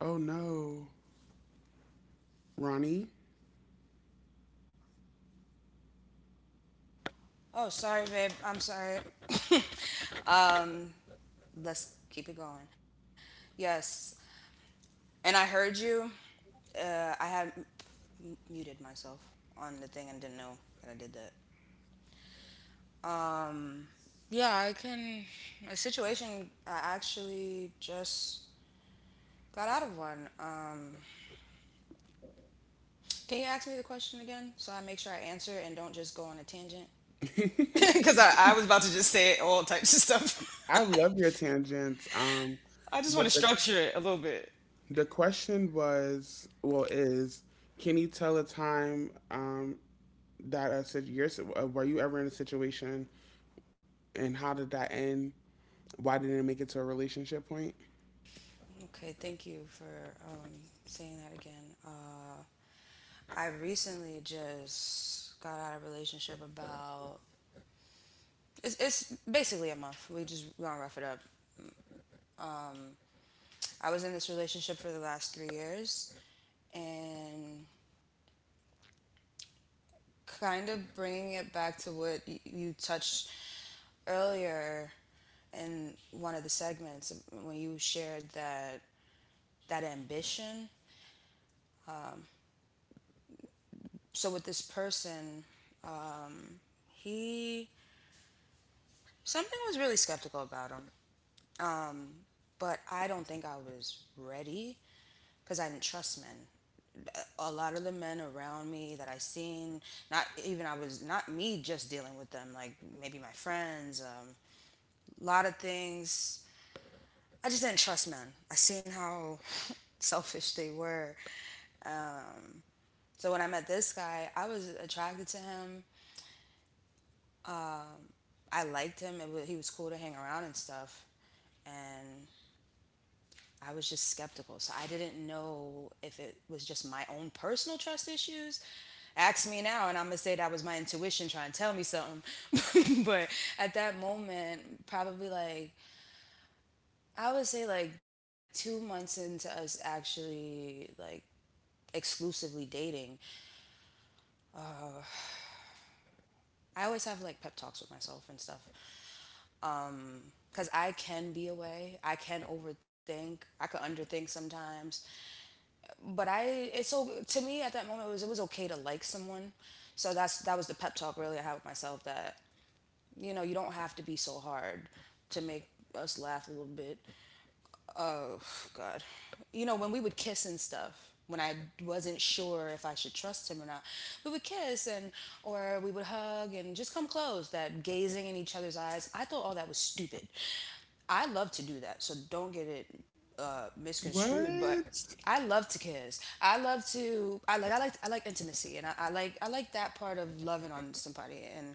S1: Oh no, Ronnie.
S2: Oh, sorry, babe, I'm sorry. *coughs* Let's keep it going. Yes, and I heard you. uh, I had muted myself on the thing and didn't know that I did that. Yeah, I can. A situation, I actually just got out of one. um Can you ask me the question again so I make sure I answer and don't just go on a tangent?
S1: I love your tangents. Um,
S2: I just want
S1: but the
S2: to hear it a little bit.
S1: the question was, well, is, can you tell a time um that a sit- your uh, were you ever in a situation and how did that end? Why didn't it make it to a relationship point?
S2: Okay, thank you for um, saying that again. Uh, I recently just got out of a relationship about, it's, it's basically a month. We just we're gonna rough it up. I was in this relationship for the last three years, and kind of bringing it back to what y- you touched earlier in one of the segments when you shared that, that ambition. So with this person, um, he, something was really skeptical about him, but I don't think I was ready because I didn't trust men. A lot of the men around me that I seen, not even I was not me just dealing with them, like maybe my friends, um, a lot of things. I just didn't trust men. I seen how *laughs* selfish they were. So when I met this guy, I was attracted to him, I liked him. It was, he was cool to hang around and stuff. And I was just skeptical. So I didn't know if it was just my own personal trust issues. Ask me now, and I'm gonna say that was my intuition trying to tell me something. *laughs* But at that moment, probably like I would say like two months into us actually like exclusively dating, I always have like pep talks with myself and stuff. Um, because I can be away. I can overthink. I could underthink sometimes. But I, it's so, to me at that moment it was, it was okay to like someone. So that's, that was the pep talk really I had with myself, that you know you don't have to be so hard to make us laugh a little bit. Oh god. You know, when we would kiss and stuff, when I wasn't sure if I should trust him or not, we would kiss and, or we would hug and just come close, that gazing in each other's eyes, I thought all that was stupid. I love to do that, so don't get it uh, misconstrued, but
S1: What?
S2: I love to kiss, I love to, i like i like I like intimacy and i, I like, i like that part of loving on somebody, and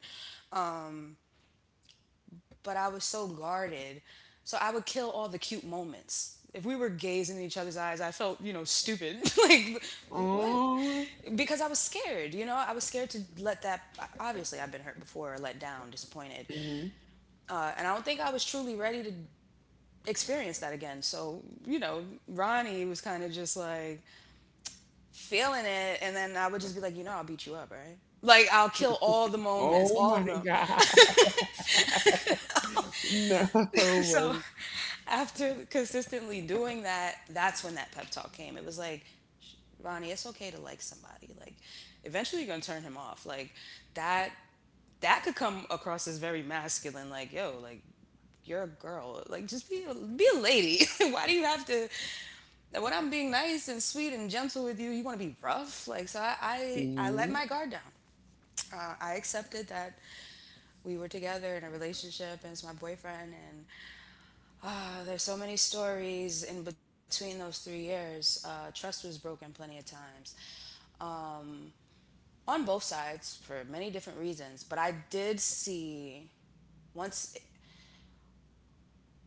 S2: but I was so guarded. So I would kill all the cute moments. If we were gazing in each other's eyes, I felt, you know, stupid. *laughs* Like, what?
S1: Oh.
S2: Because I was scared, you know? I was scared to let that. Obviously, I've been hurt before, let down, disappointed.
S1: Mhm.
S2: Uh, and I don't think I was truly ready to experience that again. So, you know, Ronnie was kind of just like feeling it. And then I would just be like, you know, I'll beat you up, right? Like, I'll kill all the moments,
S1: Oh
S2: all
S1: my
S2: of them.
S1: God. *laughs* No.
S2: So. *laughs* After consistently doing that, that's when that pep talk came. It was like, Ronnie, it's okay to like somebody. Like, eventually you're gonna turn him off. Like that that could come across as very masculine. Like, yo, like you're a girl. Like, just be a, be a lady. *laughs* Why do you have to? Like, when I'm being nice and sweet and gentle with you, you want to be rough. Like, so I I, I let
S1: Hmm.
S2: my guard down. Uh, I accepted that we were together in a relationship and it's my boyfriend, and uh, there's so many stories in between those three years. Uh, trust was broken plenty of times on both sides for many different reasons. But I did see once,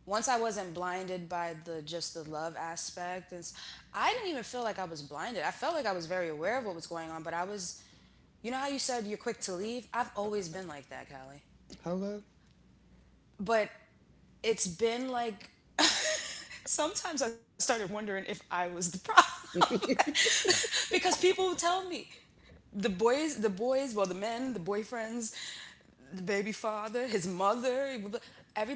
S2: once I wasn't blinded by the just the love aspect, and s- I didn't even feel like I was blinded. I felt like I was very aware of what was going on, but I was. You know how you said you're quick to leave? I've always been like that, Callie.
S1: Hello.
S2: But it's been like, sometimes I started wondering if I was the problem *laughs* because people would tell me the boys, the boys, well, the men, the boyfriends, the baby father, his mother,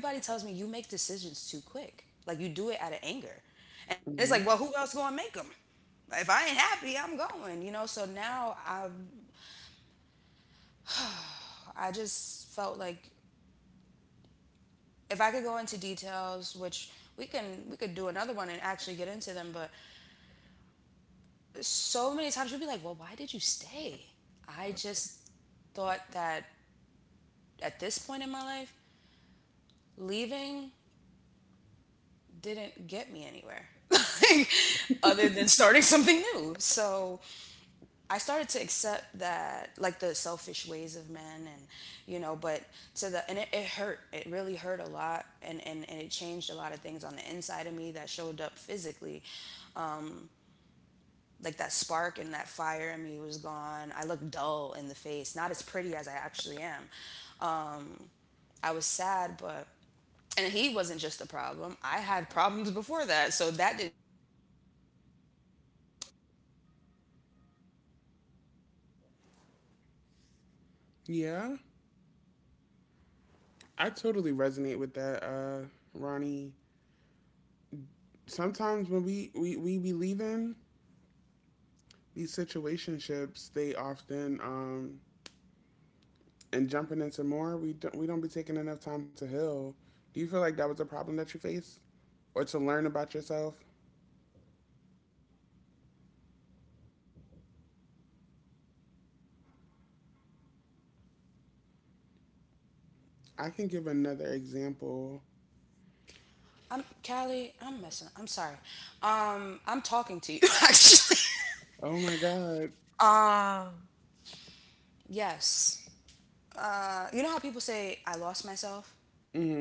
S2: everybody tells me you make decisions too quick. Like you do it out of anger. And it's
S1: Hmm.
S2: like, well, who else gonna make them? If I ain't happy, I'm going, you know? So now I, I just felt like if I could go into details, which we can, we could do another one and actually get into them. But so many times you'll be like, well, why did you stay? I just thought that at this point in my life, leaving didn't get me anywhere *laughs* like, other than starting something new. So I started to accept that, like, the selfish ways of men, and you know, but to the, and it, it hurt, it really hurt a lot, and, and and it changed a lot of things on the inside of me that showed up physically. Like that spark and that fire in me was gone. I looked dull in the face, not as pretty as I actually am. um I was sad, but and he wasn't just the problem, I had problems before that, so that didn't.
S1: Yeah. I totally resonate with that, uh, Ronnie. Sometimes when we, we, we be leaving these situationships, they often, um, and jumping into more, we don't, we don't be taking enough time to heal. Do you feel like that was a problem that you faced or to learn about yourself? I can give another example.
S2: I'm Callie. I'm messing. I'm sorry. Um, I'm talking to you *laughs* actually.
S1: Oh my God.
S2: Um, Yes. Uh, you know how people say I lost myself?
S1: Hmm.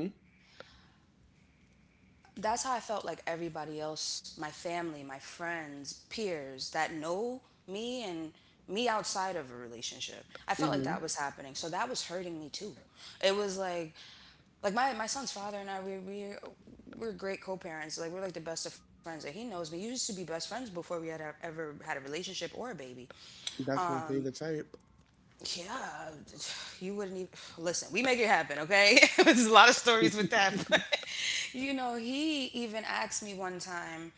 S2: That's how I felt. Like everybody else, my family, my friends, peers that know me and me outside of a relationship. I felt like
S1: Hmm.
S2: that was happening. So that was hurting me too. It was like like my, my son's father and I, we we we're great co-parents. Like we're like the best of friends. Like he knows me. We used to be best friends before we had a, ever had a relationship or a baby.
S1: That's my favorite type.
S2: Yeah, you wouldn't even listen. We make it happen, okay? *laughs* There's a lot of stories with that. *laughs* But, you know, he even asked me one time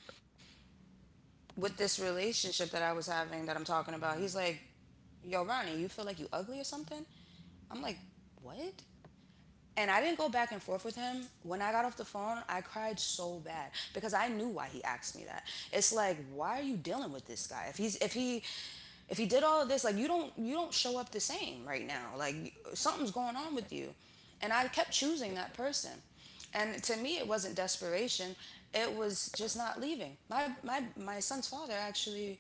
S2: with this relationship that I was having that I'm talking about. He's like, "Yo, Ronnie, you feel like you ugly or something?" I'm like, "What?" And I didn't go back and forth with him. When I got off the phone, I cried so bad because I knew why he asked me that. It's like, why are you dealing with this guy? If he's if he if he did all of this, like you don't you don't show up the same right now. Like something's going on with you. And I kept choosing that person. And to me it wasn't desperation. It was just not leaving. My my my son's father actually,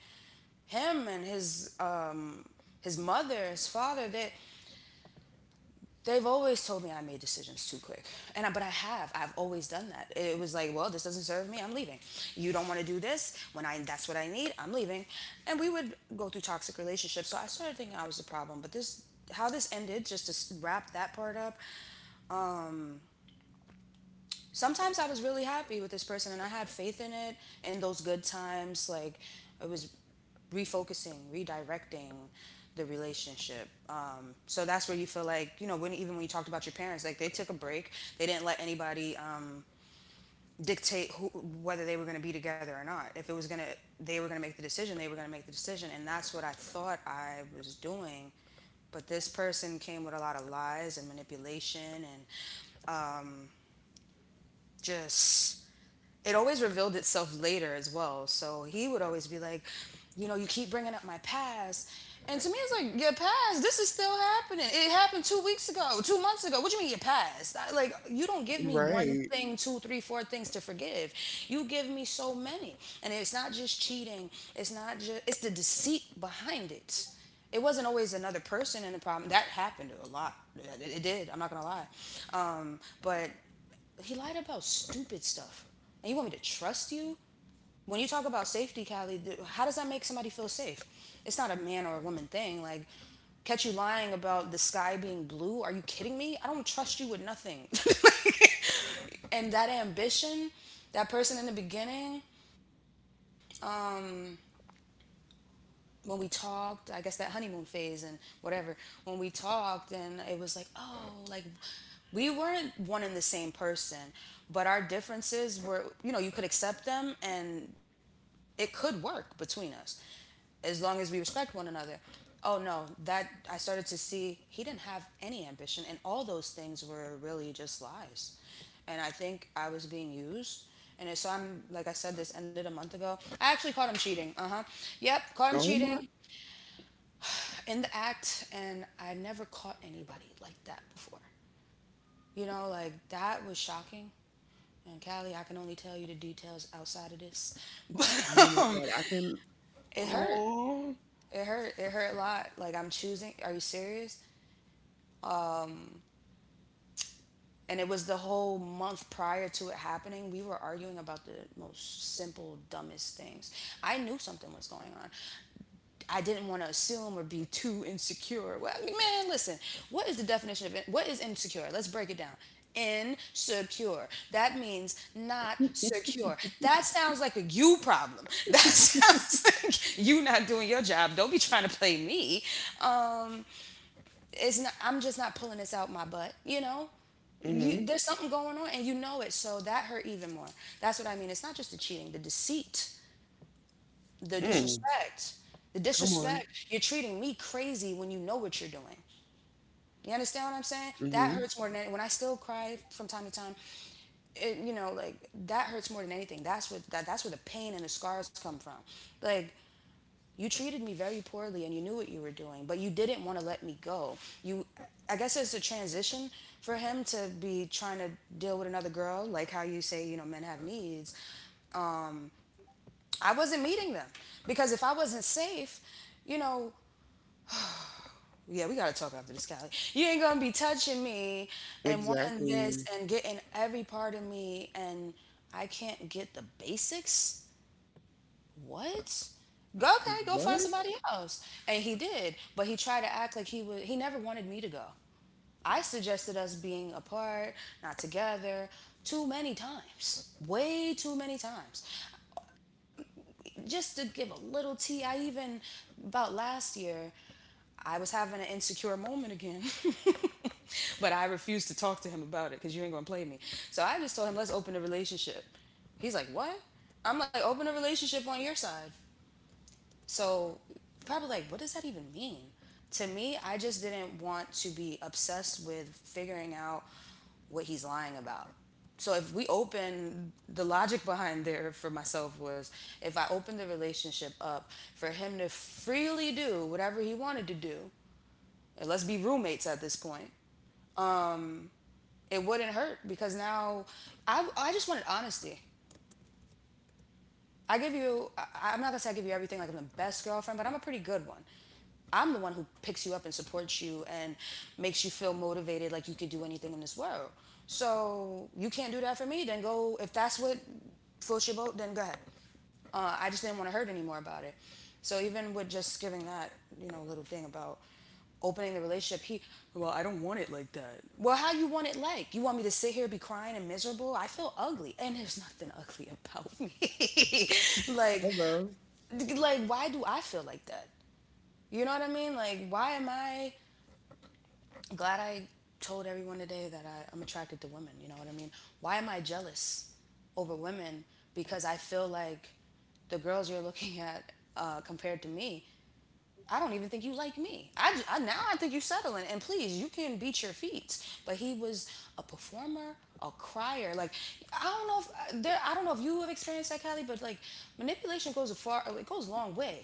S2: him and his um his mother, his father, they they've always told me I made decisions too quick. And I, but I have. I've always done that. It was like, well, this doesn't serve me. I'm leaving. You don't want to do this. When I That's what I need, I'm leaving. And we would go through toxic relationships. So I started thinking I was the problem, but this, how this ended, just to wrap that part up, sometimes I was really happy with this person and I had faith in it in those good times. Like, it was refocusing, redirecting the relationship. Um, so that's where you feel like, you know, when, even when you talked about your parents, like, they took a break. They didn't let anybody um, dictate who, whether they were going to be together or not. If it was going to, they were going to make the decision, they were going to make the decision. And that's what I thought I was doing. But this person came with a lot of lies and manipulation, and just it always revealed itself later as well. So he would always be like, you know, you keep bringing up my past. And to me, it's like, your past? This is still happening. It happened two weeks ago, two months ago. What do you mean, your past? I- like, you don't give me one
S1: Right.
S2: thing, two, three, four things to forgive. You give me so many. And it's not just cheating, it's not just, it's the deceit behind it. It wasn't always another person in the problem. That happened a lot. It did. I'm not going to lie. Um, but he lied about stupid stuff. And you want me to trust you? When you talk about safety, Callie, how does that make somebody feel safe? It's not a man or a woman thing. Like, catch you lying about the sky being blue? Are you kidding me? I don't trust you with nothing. *laughs* And that ambition, that person in the beginning, when we talked, I guess that honeymoon phase and whatever, when we talked, and it was like, oh, like, we weren't one and the same person, but our differences were, you know, you could accept them and it could work between us as long as we respect one another. Oh no, that I started to see he didn't have any ambition, and all those things were really just lies. And I think I was being used. And so, I'm like I said, this ended a month ago. I actually caught him cheating. Uh huh. Yep, caught him
S1: Oh
S2: cheating
S1: my.
S2: in the act, and I never caught anybody like that before. You know, like, that was shocking. And Callie, I can only tell you the details outside of this, *laughs* but
S1: Oh my
S2: um,
S1: God. I can.
S2: it hurt.
S1: Oh.
S2: It hurt. It hurt a lot. Like, I'm choosing. Are you serious? And it was the whole month prior to it happening. We were arguing about the most simple, dumbest things. I knew something was going on. I didn't want to assume or be too insecure. Well, man, listen. What is the definition of it? What is insecure? Let's break it down. Insecure. That means not secure. That sounds like a you problem. *laughs* That sounds like you not doing your job. Don't be trying to play me. Um, it's not, I'm just not pulling this out my butt, you know.
S1: Mm-hmm.
S2: You There's something going on and you know it, so that hurt even more. That's what I mean, it's not just the cheating, the deceit, the
S1: Mm.
S2: disrespect the
S1: Come on.
S2: disrespect. You're treating me crazy when you know what you're doing. You understand what I'm saying? That
S1: Mm-hmm.
S2: hurts more than any- when I still cry from time to time. It, you know, like, that hurts more than anything. That's what that, that's where the pain and the scars come from. Like, you treated me very poorly and you knew what you were doing, but you didn't want to let me go. You I guess it's a transition for him to be trying to deal with another girl, like how you say, you know, men have needs. I wasn't meeting them because if I wasn't safe, you know, yeah, we gotta talk after this, Callie. You ain't gonna be touching me and wanting this
S1: Exactly.
S2: and getting every part of me, and I can't get the basics. What? Go, okay, go find somebody
S1: What?
S2: else. And he did, but he tried to act like he would. He never wanted me to go. I suggested us being apart, not together, too many times, way too many times. Just to give a little tea, I even, about last year, I was having an insecure moment again. *laughs* But I refused to talk to him about it because you ain't gonna play me. So I just told him, let's open a relationship. He's like, what? I'm like, open a relationship on your side. So, probably like, what does that even mean? To me, I just didn't want to be obsessed with figuring out what he's lying about. So, if we open, the logic behind there for myself was, if I opened the relationship up for him to freely do whatever he wanted to do, and let's be roommates at this point, it wouldn't hurt because now I I just wanted honesty. I give you, I, I'm not gonna say I give you everything, like I'm the best girlfriend, but I'm a pretty good one. I'm the one who picks you up and supports you and makes you feel motivated, like you could do anything in this world. So you can't do that for me, then go, if that's what floats your boat, then go ahead. Uh, I just didn't want to hurt anymore about it. So even with just giving that, you know, little thing about opening the relationship, he, well, I don't want it like that. Well, how you want it? Like, you want me to sit here be crying and miserable? I feel ugly, and there's nothing ugly about me. *laughs* like
S1: Hello.
S2: like why do I feel like that? You know what I mean? Like, why am I, glad I told everyone today that I, I'm attracted to women, you know what I mean? Why am I jealous over women? Because I feel like the girls you're looking at, uh, compared to me, I don't even think you like me. I, I now I think you settling. And please, you can beat your feet. But he was a performer, a crier. Like, I don't know if uh, there. I don't know if you have experienced that, Callie. But like, manipulation goes a far. It goes a long way.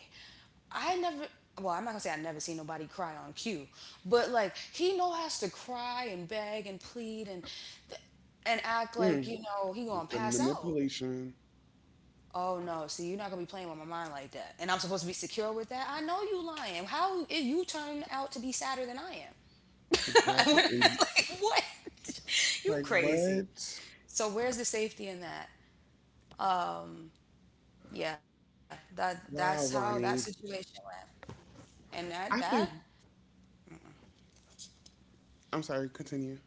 S2: I never. Well, I'm not gonna say I never seen nobody cry on cue, but like, he know has to cry and beg and plead and and act like,
S1: Mm.
S2: you know, he gonna
S1: The
S2: pass out.
S1: manipulation.
S2: Oh no, see, you're not gonna be playing with my mind like that. And I'm supposed to be secure with that. I know you lying. How if you turn out to be sadder than I am? *laughs* When
S1: Exactly. And
S2: I-
S1: y-
S2: like what? *laughs* You
S1: like
S2: crazy.
S1: what?
S2: So where's the safety in that? Yeah, that, that's how that
S1: Wow,
S2: situation
S1: Ronnie.
S2: went. And that that,
S1: I think. I'm sorry. Continue.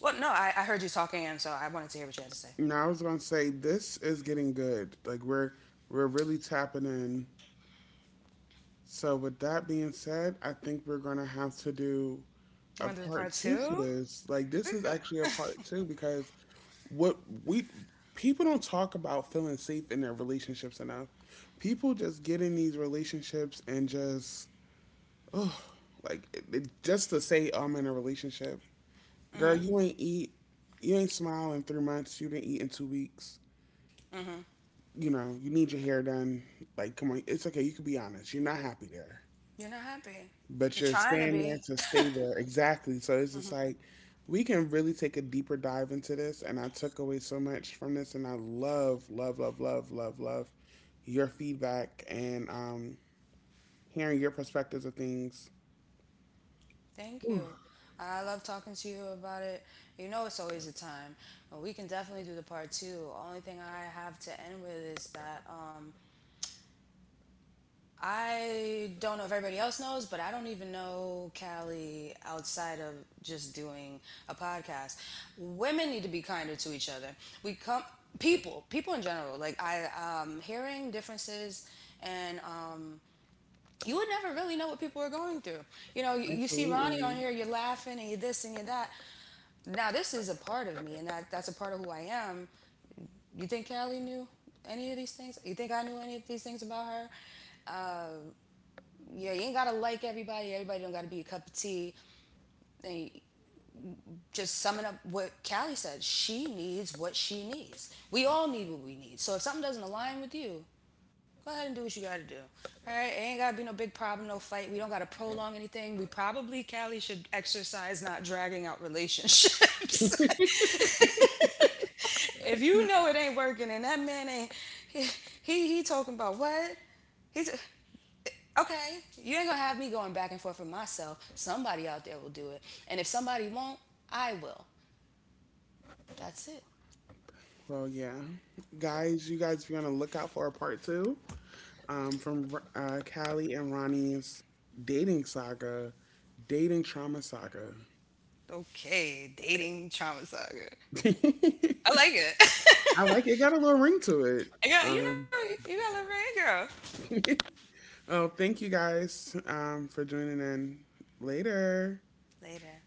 S2: well, no, I, I heard you talking, and so I wanted to hear what you had to say.
S1: No, I was gonna say this is getting good. Like we're we're really tapping in. So with that being said, I think we're gonna have to do
S2: You
S1: a
S2: want to do
S1: part
S2: part
S1: two to
S2: two?
S1: this. Like this is actually a part two because what we people don't talk about feeling safe in their relationships enough. People just get in these relationships and just, oh, like it, it- just to say, "Oh, I'm in a relationship, girl."
S2: Hmm.
S1: You ain't eat, you ain't smile in three months. You didn't eat in two weeks. You know you need your hair done. Like come on, it's okay. You can be honest. You're not happy there.
S2: You're not happy.
S1: But
S2: You're
S1: you're
S2: trying to
S1: staying there
S2: be.
S1: to stay there. Exactly. So it's just like, we can really take a deeper dive into this. And I took away so much from this, and I love, love, love, love, love, love your feedback and um, hearing your perspectives of things.
S2: Thank
S1: Whew,
S2: you. I love talking to you about it. You know, it's always a time. But we can definitely do the part two. Only thing I have to end with is that, um, I don't know if everybody else knows, but I don't even know Callie outside of just doing a podcast. Women need to be kinder to each other. We come, people, people in general. Like, I, um, hearing differences and um, you would never really know what people are going through. You know, you, you see Ronnie
S1: absolutely.
S2: on here, you're laughing and you're this and you're that. Now this is a part of me, and that, that's a part of who I am. You think Callie knew any of these things? You think I knew any of these things about her? Yeah, you ain't gotta like everybody. Everybody don't gotta be a cup of tea. And, just summing up what Callie said, she needs what she needs, we all need what we need. So if something doesn't align with you, go ahead and do what you gotta do. All right, it ain't gotta be no big problem, no fight. We don't gotta prolong anything. We probably, Callie should exercise not dragging out relationships. *laughs* If you know it ain't working, and that man ain't, he he, he talking about what? He's Okay. You ain't gonna have me going back and forth for myself. Somebody out there will do it, and if somebody won't, I will. That's it.
S1: Well, yeah, guys, you guys be on the lookout for a part two um, from uh, Callie and Ronnie's dating saga, dating trauma saga.
S2: Okay, dating trauma saga. I
S1: *laughs*
S2: like it. *laughs*
S1: I like it. It got a little ring to it.
S2: I, you
S1: Um,
S2: know, you got a little red girl.
S1: oh, thank you guys um, for joining in. Later.
S2: Later.